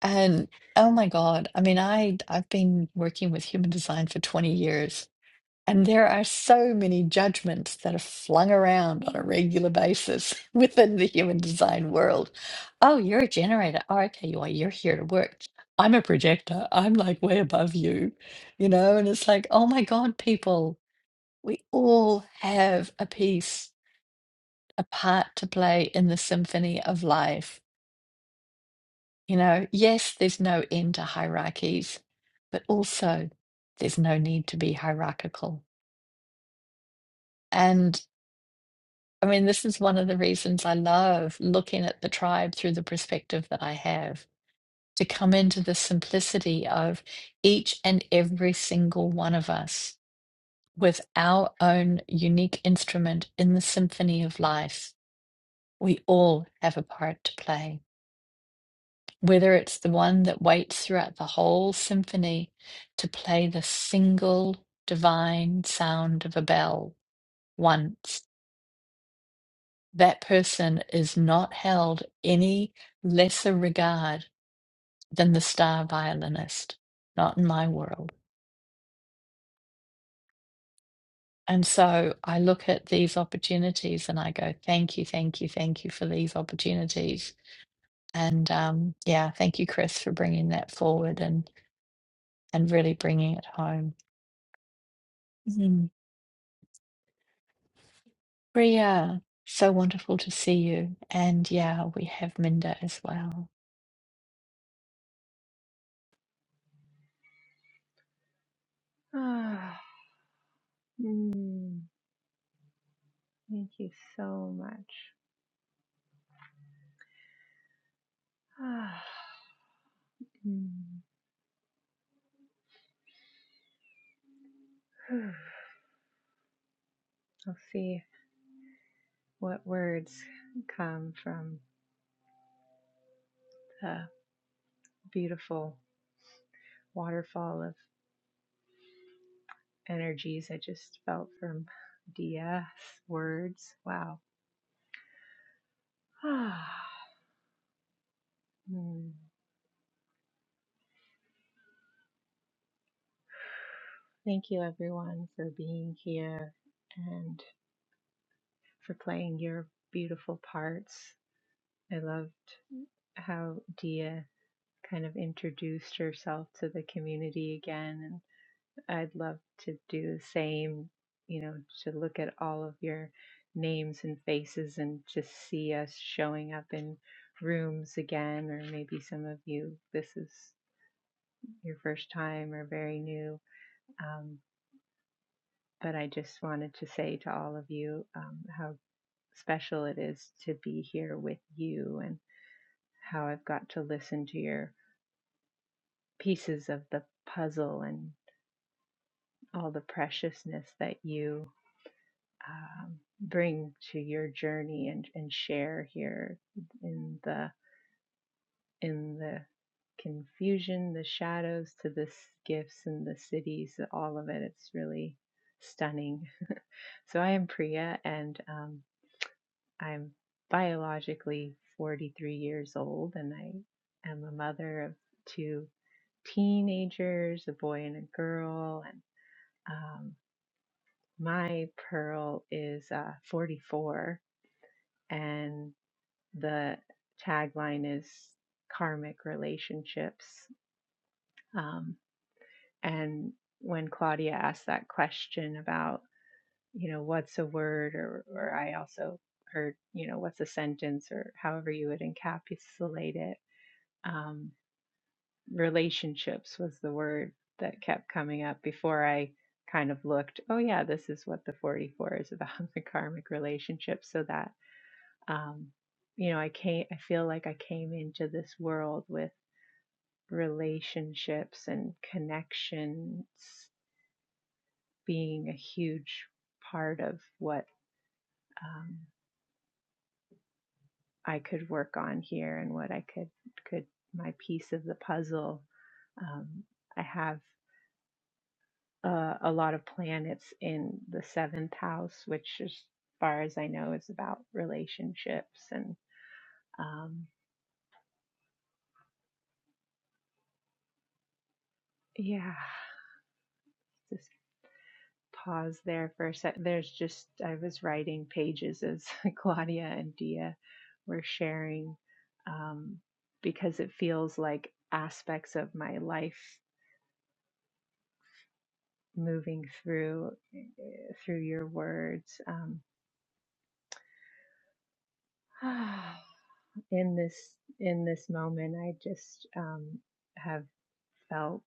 Speaker 1: And oh my God, I mean, I, I've been working with human design for 20 years And there are so many judgments that are flung around on a regular basis within the human design world. Oh, you're a generator. Oh, okay, you are. You're here to work. I'm a projector. I'm like way above you, you know? And it's like, oh my God, people, we all have a piece, a part to play in the symphony of life. You know, yes, there's no end to hierarchies, but also there's no need to be hierarchical. and. I mean, this is one of the reasons I love looking at the tribe through the perspective that I have, to come into the simplicity of each and every single one of us with our own unique instrument in the symphony of life. We all have a part to play, whether it's the one that waits throughout the whole symphony to play the single divine sound of a bell once that person is not held any lesser regard than the star violinist, not in my world. And so I look at these opportunities and I go, thank you, thank you, thank you for these opportunities. And um, yeah, thank you, Chris, for bringing that forward and, and really bringing it home. Mm. Priya, so wonderful to see you. And yeah, we have Minda as well.
Speaker 4: Ah, Mm, Thank you so much. Ah, Mm. I'll see what words come from the beautiful waterfall of energies I just felt from Dia's words. Wow. Ah, Mm. Thank you, everyone, for being here and for playing your beautiful parts. I loved how Dia kind of introduced herself to the community again. And I'd love to do the same, you know, to look at all of your names and faces and just see us showing up in rooms again, or maybe some of you, this is your first time or very new. Um, but I just wanted to say to all of you um, how special it is to be here with you and how I've got to listen to your pieces of the puzzle and all the preciousness that you um, bring to your journey and, and share here in the in the confusion, the shadows to the s- gifts and the cities, all of it. It's really stunning. So I am Priya, and um, I'm biologically 43 years old, and I am a mother of two teenagers, a boy and a girl, and. um, My pearl is uh, 44, and the tagline is karmic relationships. Um, and when Claudia asked that question about, you know, what's a word, or, or I also heard, you know, what's a sentence, or however you would encapsulate it, um, relationships was the word that kept coming up before I kind of looked, oh, yeah, this is what the 44 is about the karmic relationship. So that um, you know, I came, I feel like I came into this world with relationships and connections being a huge part of what um, I could work on here and what I could could my piece of the puzzle. Um, I have uh, a lot of planets in the seventh house, which, as far as I know, is about relationships and um, yeah, pause there for a sec. There's just, I was writing pages as Claudia and Dia were sharing um, because it feels like aspects of my life moving through eh, through your words um, in this in this moment i just um, have felt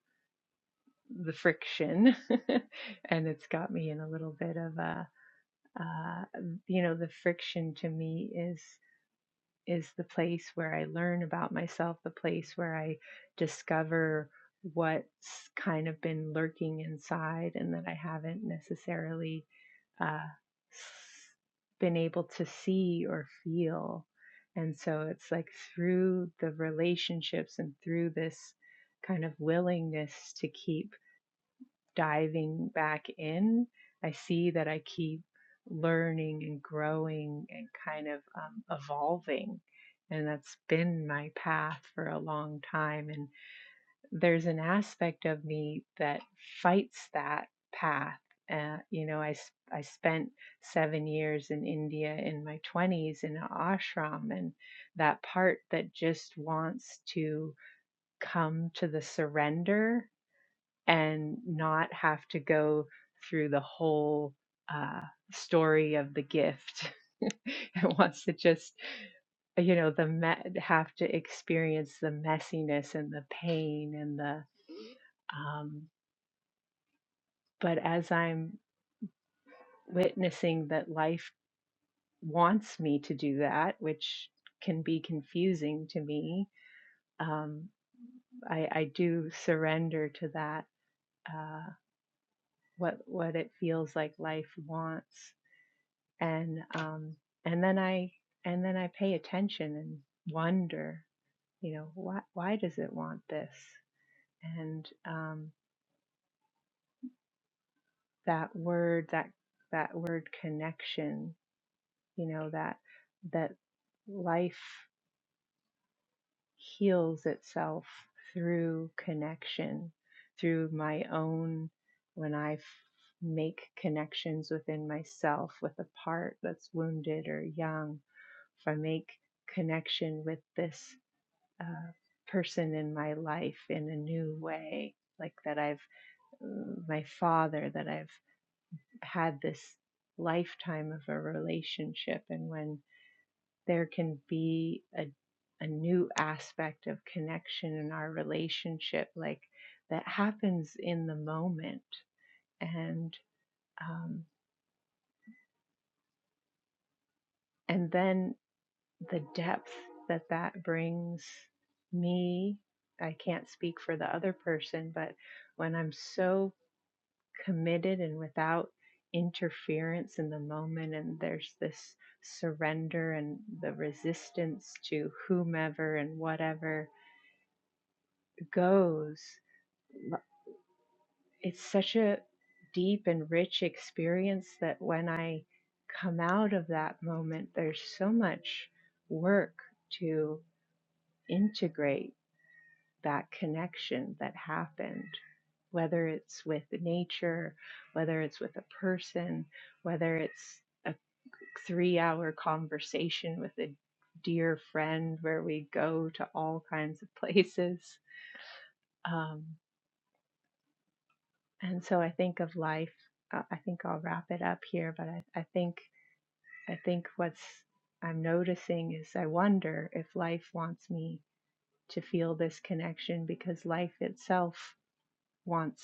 Speaker 4: the friction and it's got me in a little bit of a uh, you know the friction to me is. is the place where I learn about myself, the place where I discover what's kind of been lurking inside and that I haven't necessarily uh, been able to see or feel. And so it's like through the relationships and through this kind of willingness to keep diving back in, I see that I keep learning and growing and kind of um, evolving. And that's been my path for a long time. And there's an aspect of me that fights that path. Uh, you know, I, s- I spent seven years in India in my 20s in an ashram, and that part that just wants to come to the surrender and not have to go through the whole uh, story of the gift. it wants to just, you know, the me- have to experience the messiness and the pain and the. Um, but as I'm witnessing that life wants me to do that, which can be confusing to me, um, I, I do surrender to that. Uh, what what it feels like life wants. and um and then i and then i pay attention and wonder you know why why does it want this and um that word that that word connection you know that that life heals itself through connection through my own when i f- make connections within myself with a part that's wounded or young if i make connection with this uh, person in my life in a new way. Like that, I've mm, my father, that I've had this lifetime of a relationship, and when there can be a a new aspect of connection in our relationship, like that happens in the moment, and um, and then the depth that that brings me. I can't speak for the other person, but when I'm so committed and without interference in the moment. And there's this surrender and the resistance to whomever and whatever goes. It's such a deep and rich experience that when I come out of that moment, there's so much work to integrate that connection that happened, whether it's with nature, whether it's with a person, whether it's a three hour conversation with a dear friend where we go to all kinds of places. Um, and so I think of life. Uh, I think I'll wrap it up here, but I, I think I think what's I'm noticing is I wonder if life wants me to feel this connection because life itself wants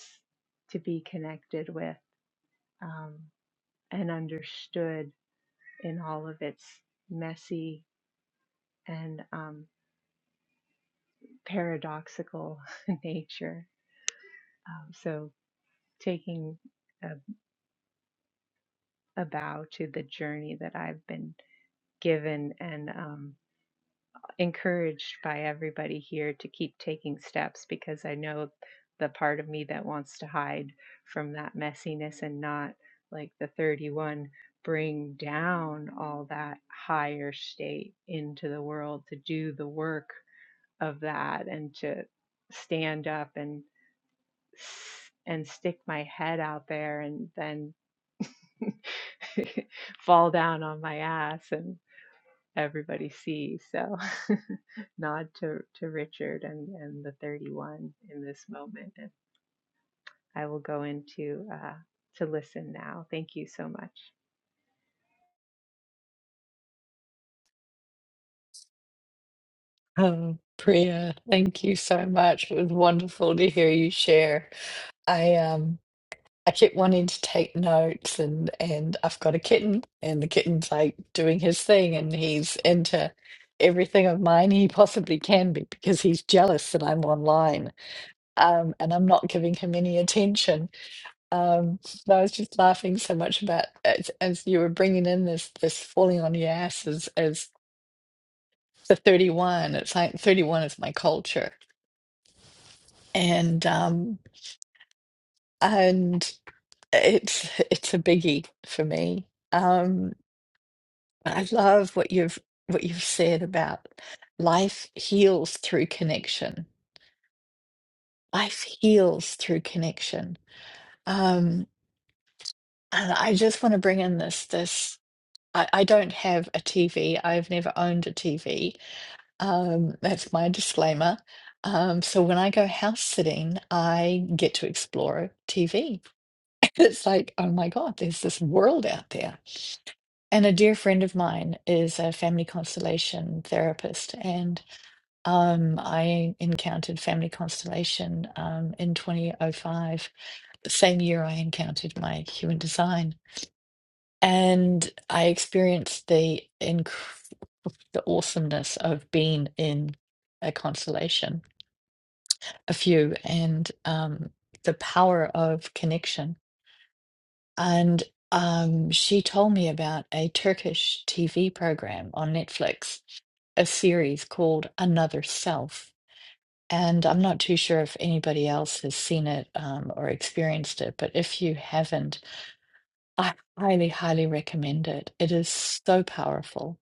Speaker 4: to be connected with um, and understood in all of its messy and um, paradoxical nature. Um, so taking a, a bow to the journey that I've been given and um, encouraged by everybody here to keep taking steps because I know the part of me that wants to hide from that messiness and not like the 31 bring down all that higher state into the world to do the work of that and to stand up and. and stick my head out there and then fall down on my ass and everybody sees. So nod to, to Richard and, and the 31 in this moment. And I will go into uh, to listen now. Thank you so much.
Speaker 1: Oh, Priya, thank you so much. It was wonderful to hear you share. I um I kept wanting to take notes and and I've got a kitten and the kitten's like doing his thing and he's into everything of mine he possibly can be because he's jealous that I'm online um and I'm not giving him any attention um so I was just laughing so much about as, as you were bringing in this this falling on your ass as as the 31 it's like 31 is my culture and um and It's it's a biggie for me. Um, I love what you've what you've said about life heals through connection. Life heals through connection. Um, and I just want to bring in this this I, I don't have a TV. I've never owned a TV. Um, that's my disclaimer. Um, so when I go house sitting, I get to explore TV. It's like, oh my God, there's this world out there and a dear friend of mine is a family constellation therapist, and um, I encountered family constellation um, in 2005, the same year I encountered my human design, and I experienced the inc- the awesomeness of being in a constellation, a few, and um, the power of connection And um, she told me about a Turkish TV program on Netflix, a series called Another Self. And I'm not too sure if anybody else has seen it um, or experienced it, but if you haven't, I highly, highly recommend it. It is so powerful.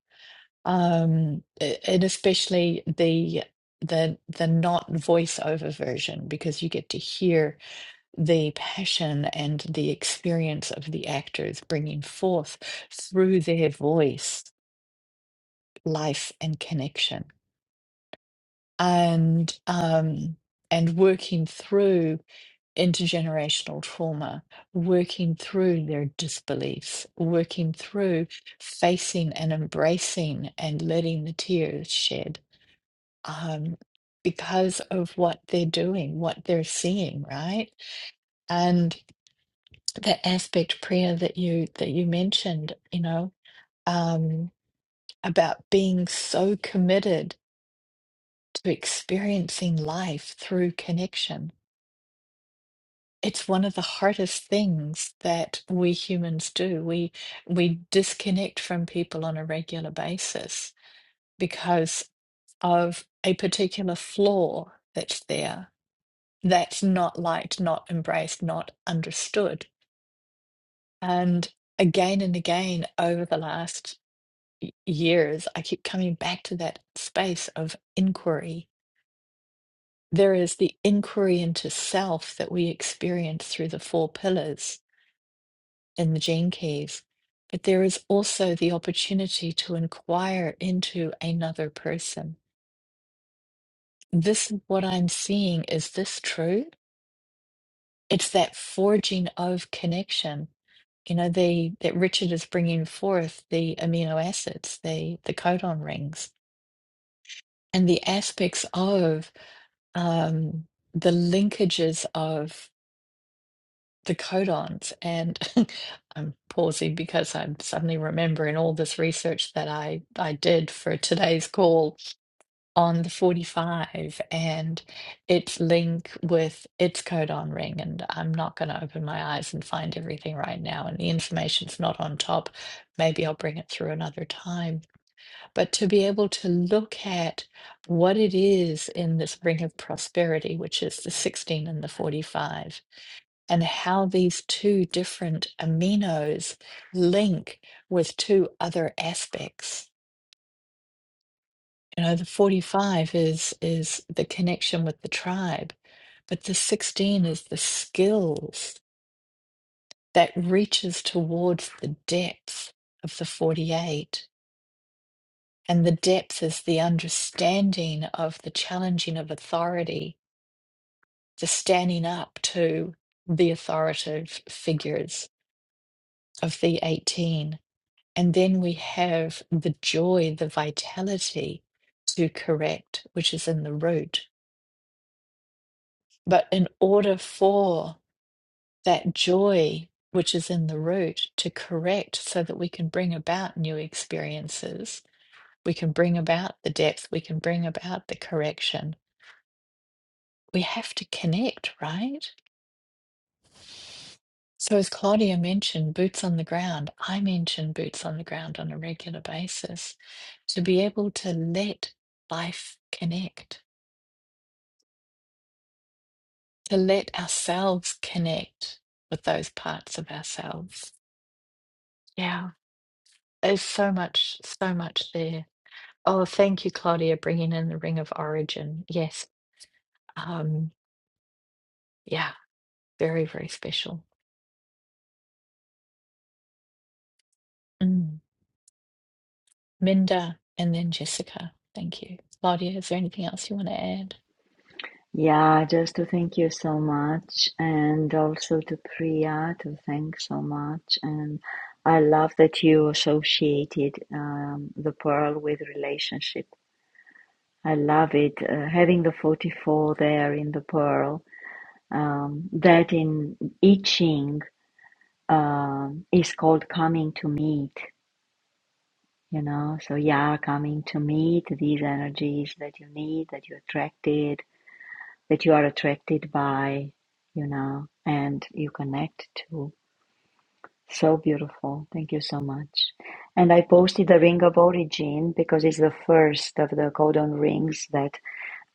Speaker 1: Um, a- and especially the the the not voiceover version because you get to hear the passion and the experience of the actors bringing forth through their voice life and connection and um, and working through intergenerational trauma working through their disbeliefs working through facing and embracing and letting the tears shed um, because of what they're doing what they're seeing right that aspect prayer that you that you mentioned you know um about being so committed to experiencing life through connection it's one of the hardest things that we humans do we we disconnect from people on a regular basis because of a particular flaw that's there that's not liked not embraced not understood and again and again over the last y- years, I keep coming back to that space of inquiry. There is the inquiry into self that we experience through the four pillars in the gene keys, but there is also the opportunity to inquire into another person. This is what I'm seeing. Is this true? It's that forging of connection. You know, the that Richard is bringing forth the amino acids, the the codon rings, and the aspects of um, the linkages of the codons. And I'm pausing because I'm suddenly remembering all this research that I, I did for today's call on the 45 and its link with its codon ring. And I'm not going to open my eyes and find everything right now. And the information's not on top. Maybe I'll bring it through another time but to be able to look at what it is in this ring of prosperity, which is the 16 and the 45, and how these two different aminos link with two other aspects. You know, the 45 is is the connection with the tribe, but the 16 is the skills that reaches towards the depth of the 48 And the depth is the understanding of the challenging of authority, the standing up to the authoritative figures of the 18. And then we have the joy, the vitality to correct, which is in the root. But in order for that joy, which is in the root, to correct so that we can bring about new experiences, we can bring about the depth, we can bring about the correction we have to connect, right? So, as Claudia mentioned, boots on the ground, I mention boots on the ground on a regular basis to be able to let life connect, to let ourselves connect with those parts of ourselves. Yeah, there's so much, so much there. Oh, thank you, Claudia, bringing in the ring of origin. Yes. Um, yeah, very, very special. Mm. Minda and then Jessica. Thank you. Claudia, is there anything else you want to add?
Speaker 2: Yeah, just to thank you so much, and also to Priya to thank so much. And I love that you associated um, the pearl with relationship. I love it. Uh, having the 44 there in the pearl, um, that in I Ching um, is called coming to meet, you know. So, yeah, coming to meet these energies that you need, that you attracted that you are attracted by, you know, and you connect to. So beautiful. Thank you so much. And I posted the ring of origin because it's the first of the codon rings that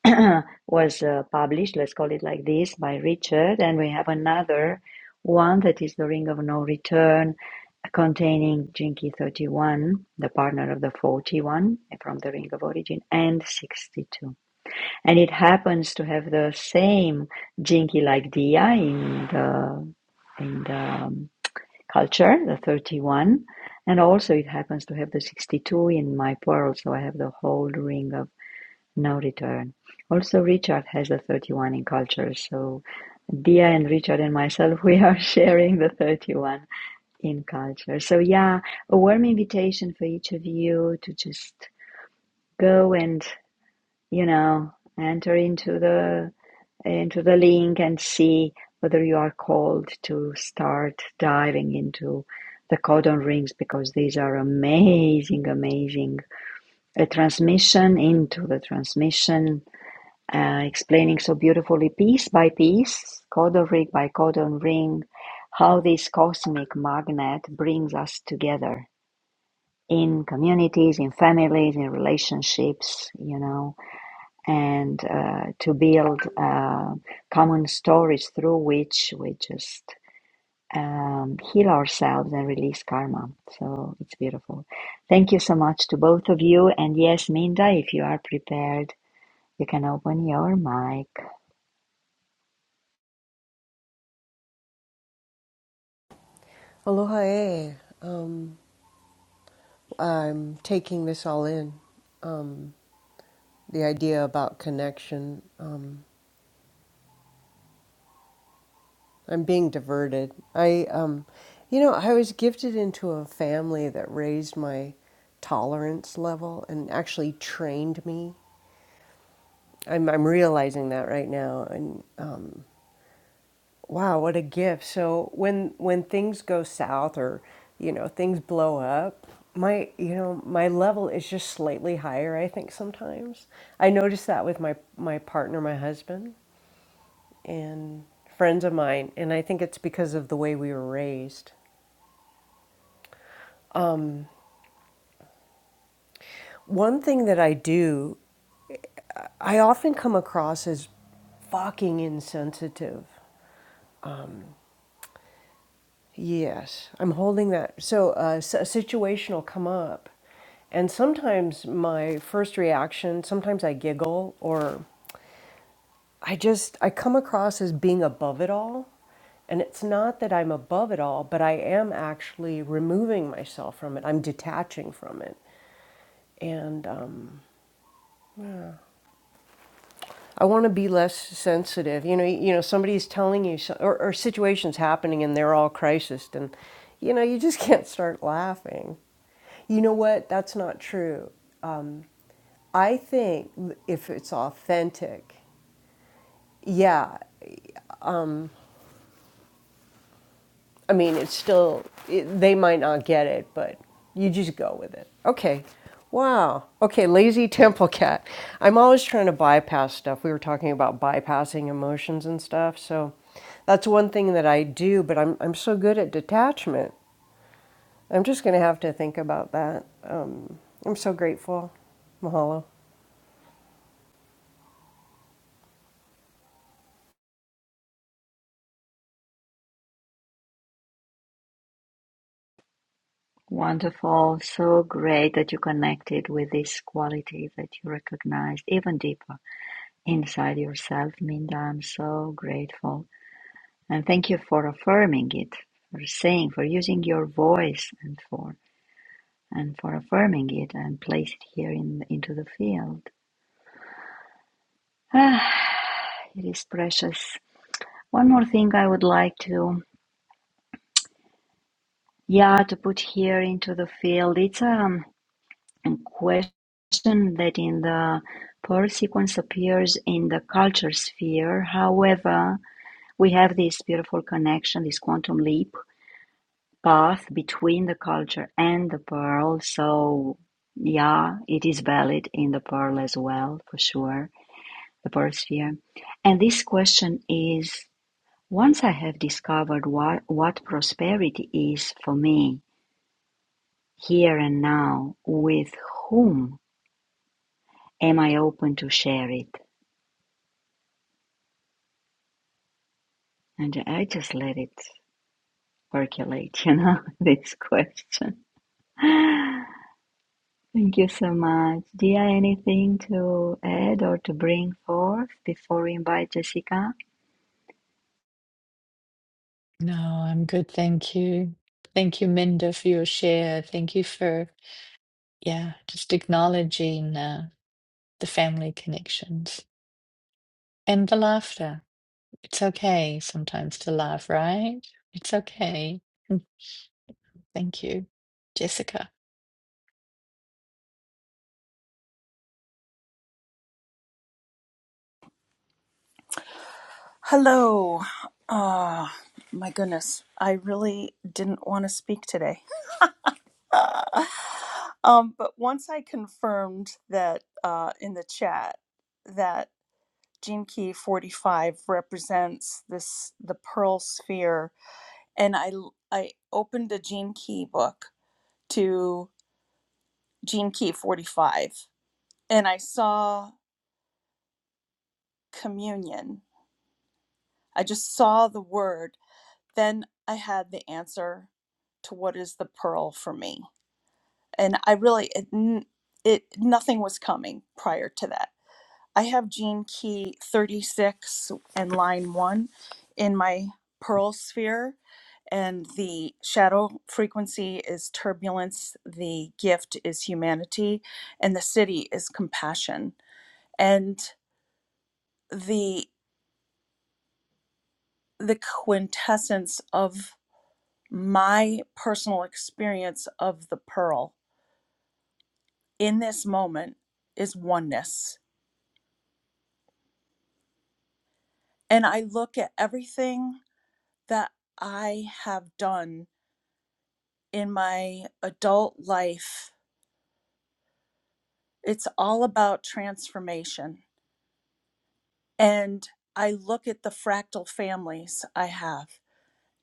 Speaker 2: was uh, published, let's call it like this, by Richard. And we have another one that is the ring of no return containing Jinki 31, the partner of the 41 from the ring of origin, and 62 and it happens to have the same jinky like dia in the in the um, culture the 31 and also it happens to have the 62 in my pearl so i have the whole ring of no return also richard has the 31 in culture so dia and richard and myself we are sharing the 31 in culture so yeah a warm invitation for each of you to just go and you know enter into the into the link and see whether you are called to start diving into the codon rings because these are amazing, amazing. A transmission into the transmission, uh, explaining so beautifully piece by piece, codon ring by codon ring, how this cosmic magnet brings us together in communities, in families, in relationships, you know and uh, to build uh, common stories through which we just um, heal ourselves and release karma. So it's beautiful. Thank you so much to both of you. And yes, Minda, if you are prepared, you can open your mic.
Speaker 5: Aloha. e. I'm taking this all in. The idea about connection. Um, I'm being diverted. I, um, you know, I was gifted into a family that raised my tolerance level and actually trained me. I'm, I'm realizing that right now, and um, Wow, what a gift. So when when things go south or you know, things blow up, my you know, my level is just slightly higher, I think sometimes. I notice that with my my partner, my husband, and friends of mine, and I think it's because of the way we were raised. One thing that I do, I often come across as fucking insensitive. Yes, I'm holding that. So uh, s- a situation will come up, and sometimes my first reaction, sometimes I giggle or I just I come across as being above it all, and it's not that I'm above it all, but I am actually removing myself from it. I'm detaching from it, and um, I want to be less sensitive. You know, you know, somebody's telling you, so, or, or situations happening, and they're all crisis, and you know, you just can't start laughing. You know what? That's not true. I think if it's authentic, yeah, I mean, it's still, it, they might not get it, but you just go with it. Okay. Wow. Okay, lazy temple cat. I'm always trying to bypass stuff. We were talking about bypassing emotions and stuff. So that's one thing that I do, but I'm, I'm so good at detachment. I'm just going to have to think about that. Um, I'm so grateful. Mahalo.
Speaker 2: Wonderful. So great that you connected with this quality that you recognized even deeper inside yourself, Minda. I'm so grateful. and thank you for affirming it for saying for using your voice and for and for affirming it and place it here in into the field ah, it is precious one more thing i would like to yeah to put here into the field it's um, a question that in the pearl sequence appears in the culture sphere however we have this beautiful connection this quantum leap path between the culture and the pearl. So, yeah, it is valid in the pearl as well, for sure, the pearl sphere. And this question is once I have discovered what, what prosperity is for me here and now, with whom am I open to share it? And I just let it percolate, you know, this question. Thank you so much. Dia, anything to add or to bring forth before we invite Jessica?
Speaker 1: No, I'm good. Thank you. Thank you, Minda, for your share. Thank you for, yeah, just acknowledging uh, the family connections and the laughter. It's okay sometimes to laugh, right? It's okay. Mm, Thank you, Jessica.
Speaker 6: Hello. Ah, my goodness. I really didn't want to speak today. Uh, um, but once I confirmed that uh, in the chat that Gene Key 45 represents this the pearl sphere and I l- I opened a Gene Key book to Gene Key 45 and I saw communion. I just saw the word then I had the answer to what is the pearl for me. And I really, it, it nothing was coming prior to that. I have gene key 36 and line one in my pearl sphere, and the shadow frequency is turbulence, the gift is humanity, and the city is compassion. And the the quintessence of my personal experience of the pearl in this moment is oneness. And I look at everything that I have done in my adult life, it's all about transformation. And I look at the fractal families I have,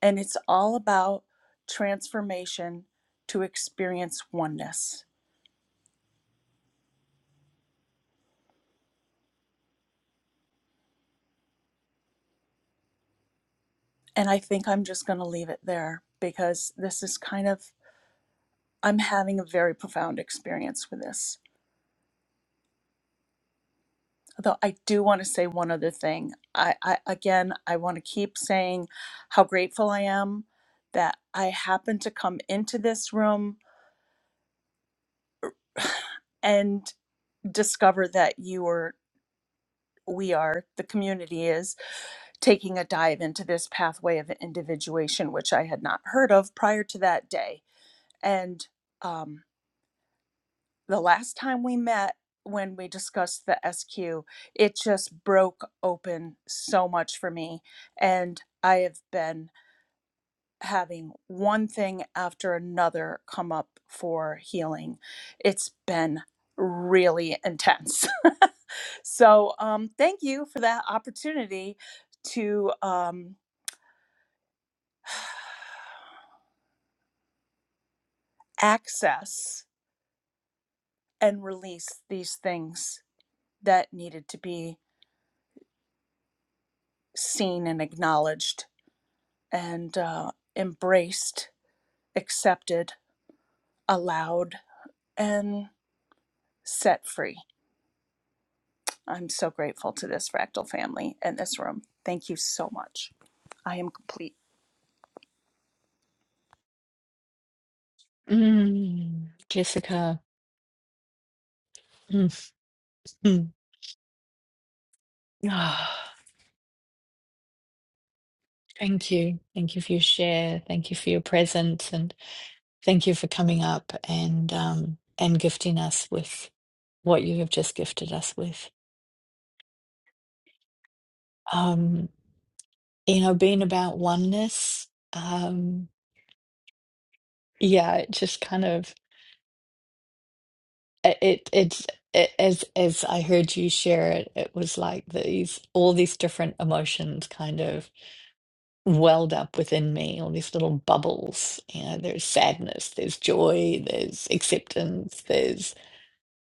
Speaker 6: and it's all about transformation to experience oneness. And I think I'm just going to leave it there because this is kind of I'm having a very profound experience with this. Although I do want to say one other thing. I, I again, I want to keep saying how grateful I am that I happened to come into this room and discover that you are we are the community is taking a dive into this pathway of individuation which i had not heard of prior to that day and um, the last time we met when we discussed the SQ, it just broke open so much for me. And I have been having one thing after another come up for healing. It's been really intense. so, um, thank you for that opportunity to um, access and release these things that needed to be seen and acknowledged and uh, embraced, accepted, allowed, and set free. I'm so grateful to this fractal family and this room. Thank you so much. I am complete.
Speaker 1: Mm, Jessica. Mm, mm. Ah, thank you. Thank you for your share. Thank you for your presence. and. Thank you for coming up and um, and gifting us with what you have just gifted us with. Um, you know, being about oneness. Um, yeah, it just kind of it, it it's it, as as I heard you share it, it was like these all these different emotions kind of welled up within me, all these little bubbles. You know, there's sadness, there's joy, there's acceptance, There's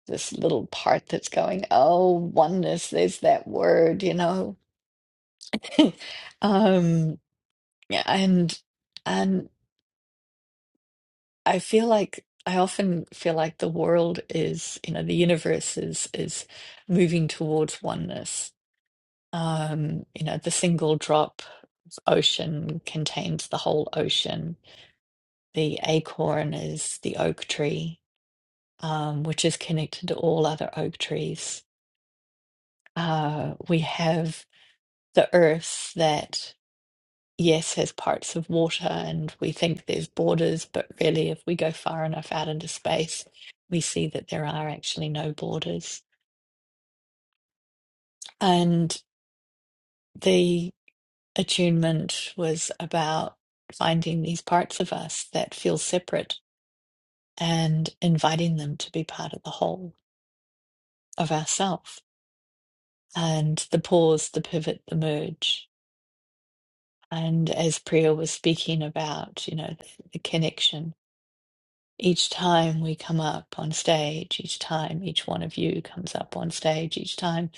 Speaker 1: this little part that's going, oh, oneness, there's that word, you know. Um, yeah, and and I feel like I often feel like the world is, you know, the universe is is moving towards oneness. Um, you know, the single drop of ocean contains the whole ocean. The acorn is the oak tree, um, which is connected to all other oak trees. Uh, we have the earth that, yes, has parts of water and we think there's borders, but really, if we go far enough out into space, we see that there are actually no borders. And the attunement was about finding these parts of us that feel separate and inviting them to be part of the whole of ourself and the pause, the pivot, the merge. And as Priya was speaking about, you know, the, the connection Each time we come up on stage, each time each one of you comes up on stage, each time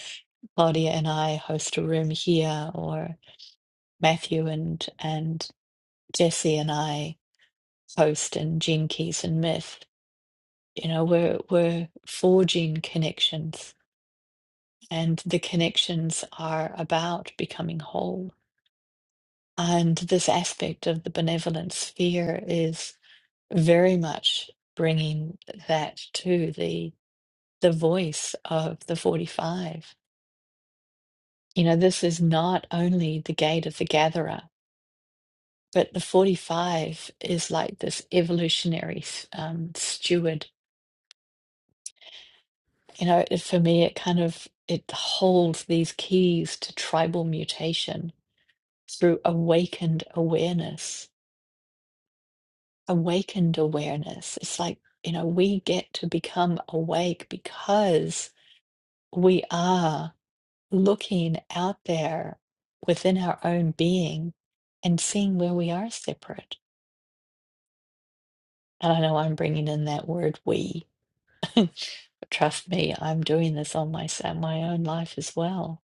Speaker 1: Claudia and I host a room here, or Matthew and and Jesse and I host in Gene Keys and Myth, you know, we're we're forging connections, and the connections are about becoming whole. And this aspect of the benevolent sphere is very much bringing that to the the voice of the 45. You know, this is not only the gate of the gatherer, but the 45 is like this evolutionary um, steward. You know, it, for me, it kind of it holds these keys to tribal mutation through awakened awareness. Awakened awareness. It's like, you know, we get to become awake because we are looking out there within our own being and seeing where we are separate. And I know I'm bringing in that word we. but Trust me, I'm doing this on my, on my own life as well.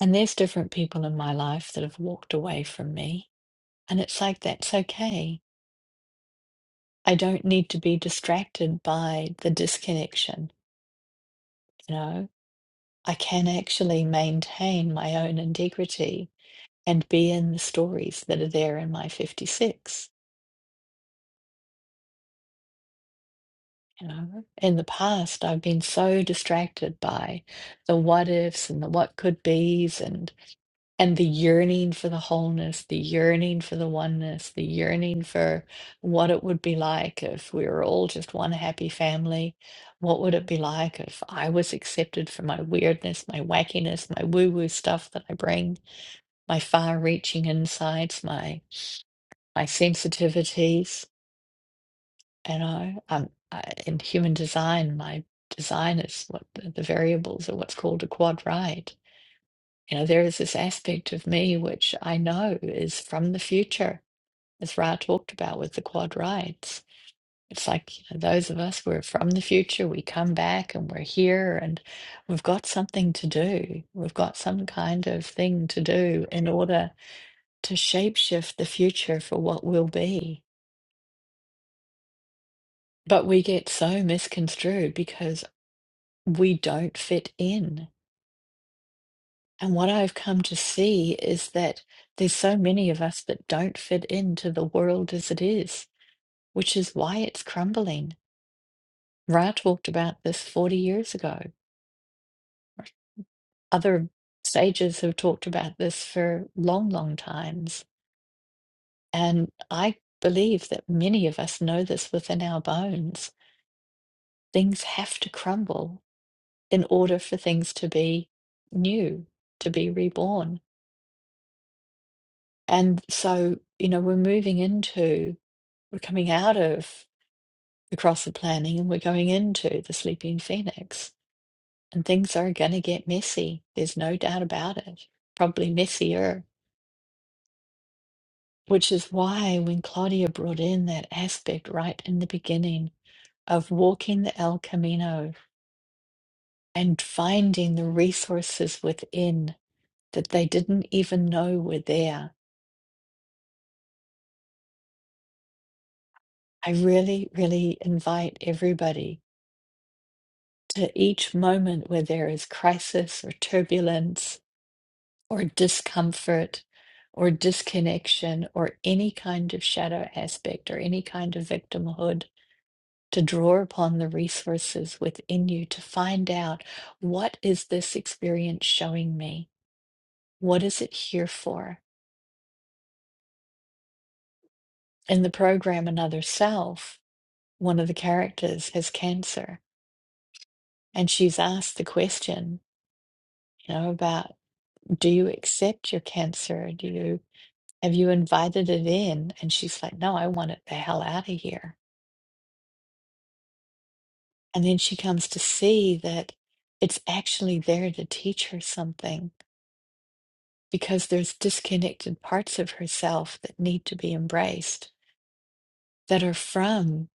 Speaker 1: And there's different people in my life that have walked away from me. And it's like, that's okay. I don't need to be distracted by the disconnection. You know, I can actually maintain my own integrity and be in the stories that are there in my 56 You know, in the past, I've been so distracted by the what ifs and the what could be's and and the yearning for the wholeness, the yearning for the oneness, the yearning for what it would be like if we were all just one happy family. What would it be like if I was accepted for my weirdness, my wackiness, my woo-woo stuff that I bring, my far-reaching insights, my my sensitivities? You know, um, I, in human design, my design is what the, the variables are what's called a quad right. You know, there is this aspect of me which I know is from the future, as Ra talked about with the quad rights. It's like, you know, those of us, we're from the future, we come back and we're here and we've got something to do. We've got some kind of thing to do in order to shapeshift the future for what will be. But we get so misconstrued because we don't fit in. And what I've come to see is that there's so many of us that don't fit into the world as it is, which is why it's crumbling. Ra talked about this 40 years ago. Other sages have talked about this for long, long times. And I believe that many of us know this within our bones. Things have to crumble in order for things to be new, to be reborn. And so, you know, we're moving into, we're coming out of the cross of planning and we're going into the sleeping phoenix. And things are going to get messy. There's no doubt about it. Probably messier, which is why when Claudia brought in that aspect right in the beginning of walking the El Camino and finding the resources within that they didn't even know were there, I really, really invite everybody. to each moment where there is crisis or turbulence or discomfort or disconnection or any kind of shadow aspect or any kind of victimhood, to draw upon the resources within you to find out what is this experience showing me? What is it here for? In the program Another Self, one of the characters has cancer and she's asked the question, you know, about do you accept your cancer? Do you Have you invited it in? And she's like, No, I want it the hell out of here. And then she comes to see that it's actually there to teach her something because there's disconnected parts of herself that need to be embraced that are from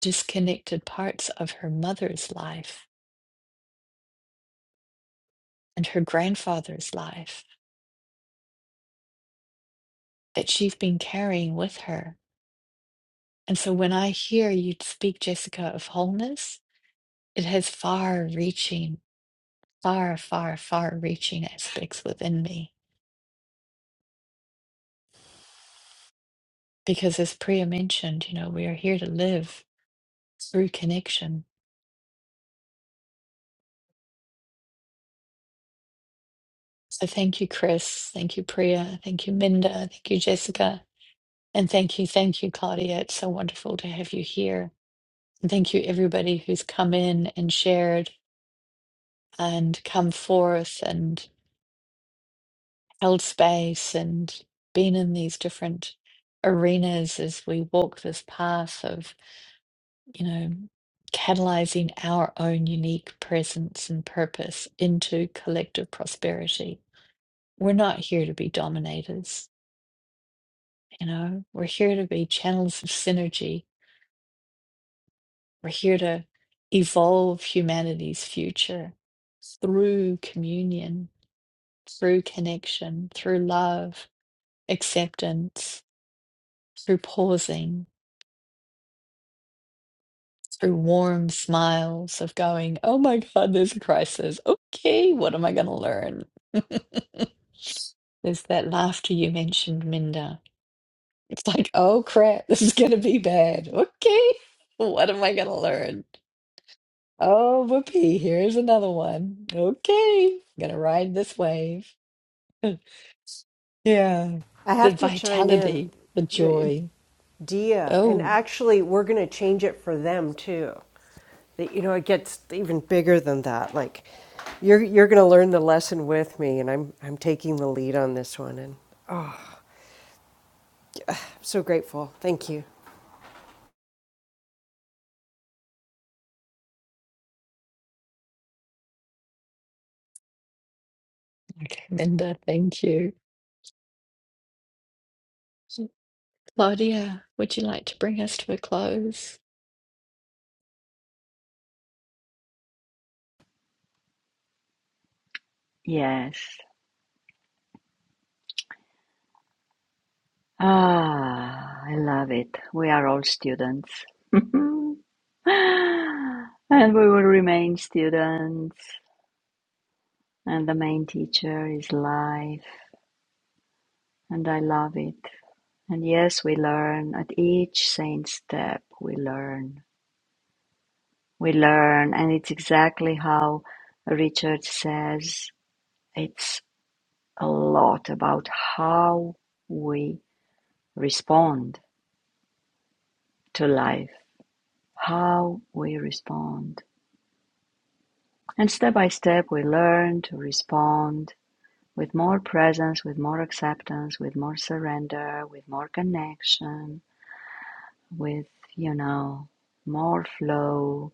Speaker 1: disconnected parts of her mother's life and her grandfather's life that she's been carrying with her. And so when I hear you speak, Jessica, of wholeness, it has far reaching far, far, far reaching aspects within me. Because as Priya mentioned, you know, we are here to live through connection. So thank you, Chris. Thank you, Priya. Thank you, Minda. Thank you, Jessica. And thank you, thank you, Claudia. It's so wonderful to have you here. And thank you, everybody who's come in and shared and come forth and held space and been in these different arenas as we walk this path of you know, catalyzing our own unique presence and purpose into collective prosperity. We're not here to be dominators, you know, we're here to be channels of synergy. We're here to evolve humanity's future through communion, through connection, through love, acceptance, through pausing, through warm smiles of going, oh my God, there's a crisis. Okay, what am I going to learn? There's that laughter you mentioned, Minda. It's like, oh crap, this is going to be bad. Okay, what am I going to learn? Oh, whoopee, here's another one. Okay, I'm going to ride this wave. Yeah,
Speaker 5: I
Speaker 1: the
Speaker 5: have to chime
Speaker 1: vitality, the
Speaker 5: in.
Speaker 1: joy.
Speaker 5: Dia. And
Speaker 1: Oh,
Speaker 5: actually, we're going to change it for them too. That you know, it gets even bigger than that. Like, you're you're going to learn the lesson with me, and I'm I'm taking the lead on this one, and I'm so grateful. Thank you.
Speaker 1: okay, Minda, thank you. Claudia, would you like to bring us to a close?
Speaker 2: Yes. Ah, I love it. We are all students. and we will remain students. And the main teacher is life. And I love it. And yes, we learn at each saint step. We learn. We learn. And it's exactly how Richard says it's a lot about how we respond to life, how we respond. And step by step, we learn to respond with more presence, with more acceptance, with more surrender, with more connection, with, you know, more flow,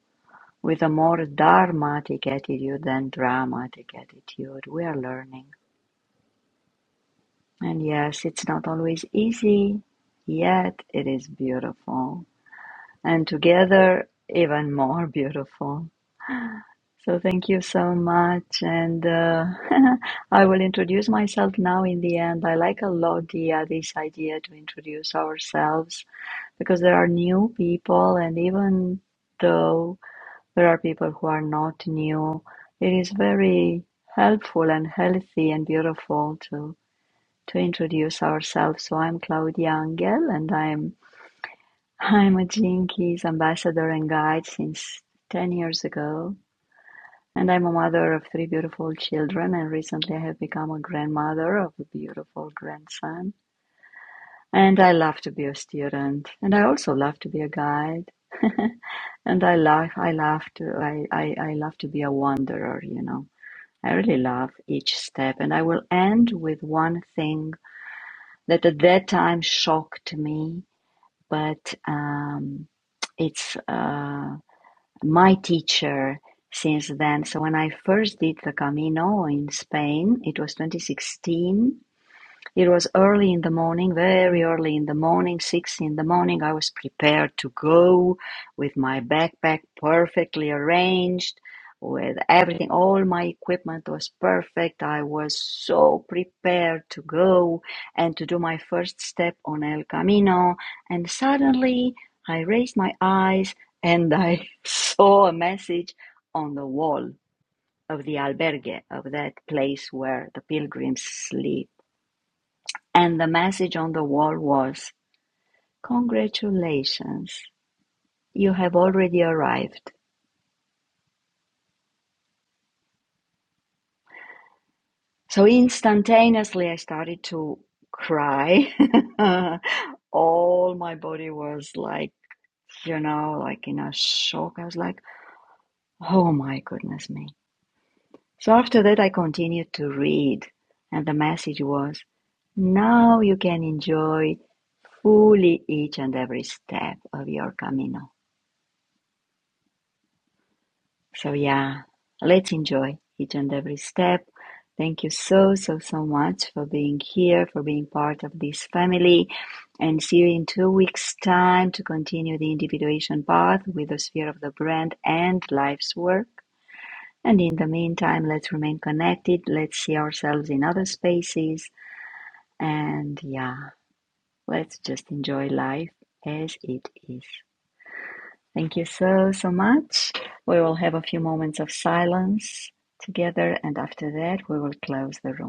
Speaker 2: with a more dharmatic attitude than dramatic attitude. We are learning. And yes, it's not always easy, yet it is beautiful. and together even more beautiful. So thank you so much, and uh, I will introduce myself now. In the end, I like a lot the uh, this idea to introduce ourselves because there are new people, and even though there are people who are not new, it is very helpful and healthy and beautiful to to introduce ourselves. So I'm Claudia Angel, and I'm I'm a Jinkies ambassador and guide since 10 years ago, and I'm a mother of three beautiful children. And recently, I have become a grandmother of a beautiful grandson. And I love to be a student, and I also love to be a guide. and I love, I love to, I, I, I love to be a wanderer. You know, I really love each step. And I will end with one thing that at that time shocked me, but um, it's. Uh, my teacher since then. So when I first did the Camino in Spain, it was 2016. It was early in the morning, very early in the morning, six in the morning. I was prepared to go with my backpack perfectly arranged, with everything. All my equipment was perfect. I was so prepared to go and to do my first step on El Camino. And suddenly I raised my eyes and I saw a message on the wall of the albergue, of that place where the pilgrims sleep and the message on the wall was, Congratulations, you have already arrived. So instantaneously, I started to cry. All my body was like, you know, like in a shock. I was like, oh my goodness me. So after that, I continued to read, and the message was, now you can enjoy fully each and every step of your camino. So yeah, let's enjoy each and every step. Thank you so, so, so much for being here, for being part of this family. And see you in two weeks' time to continue the individuation path with the sphere of the brand and life's work. And in the meantime, let's remain connected. Let's see ourselves in other spaces. And yeah, let's just enjoy life as it is. Thank you so, so much. We will have a few moments of silence together, and after that, we will close the room.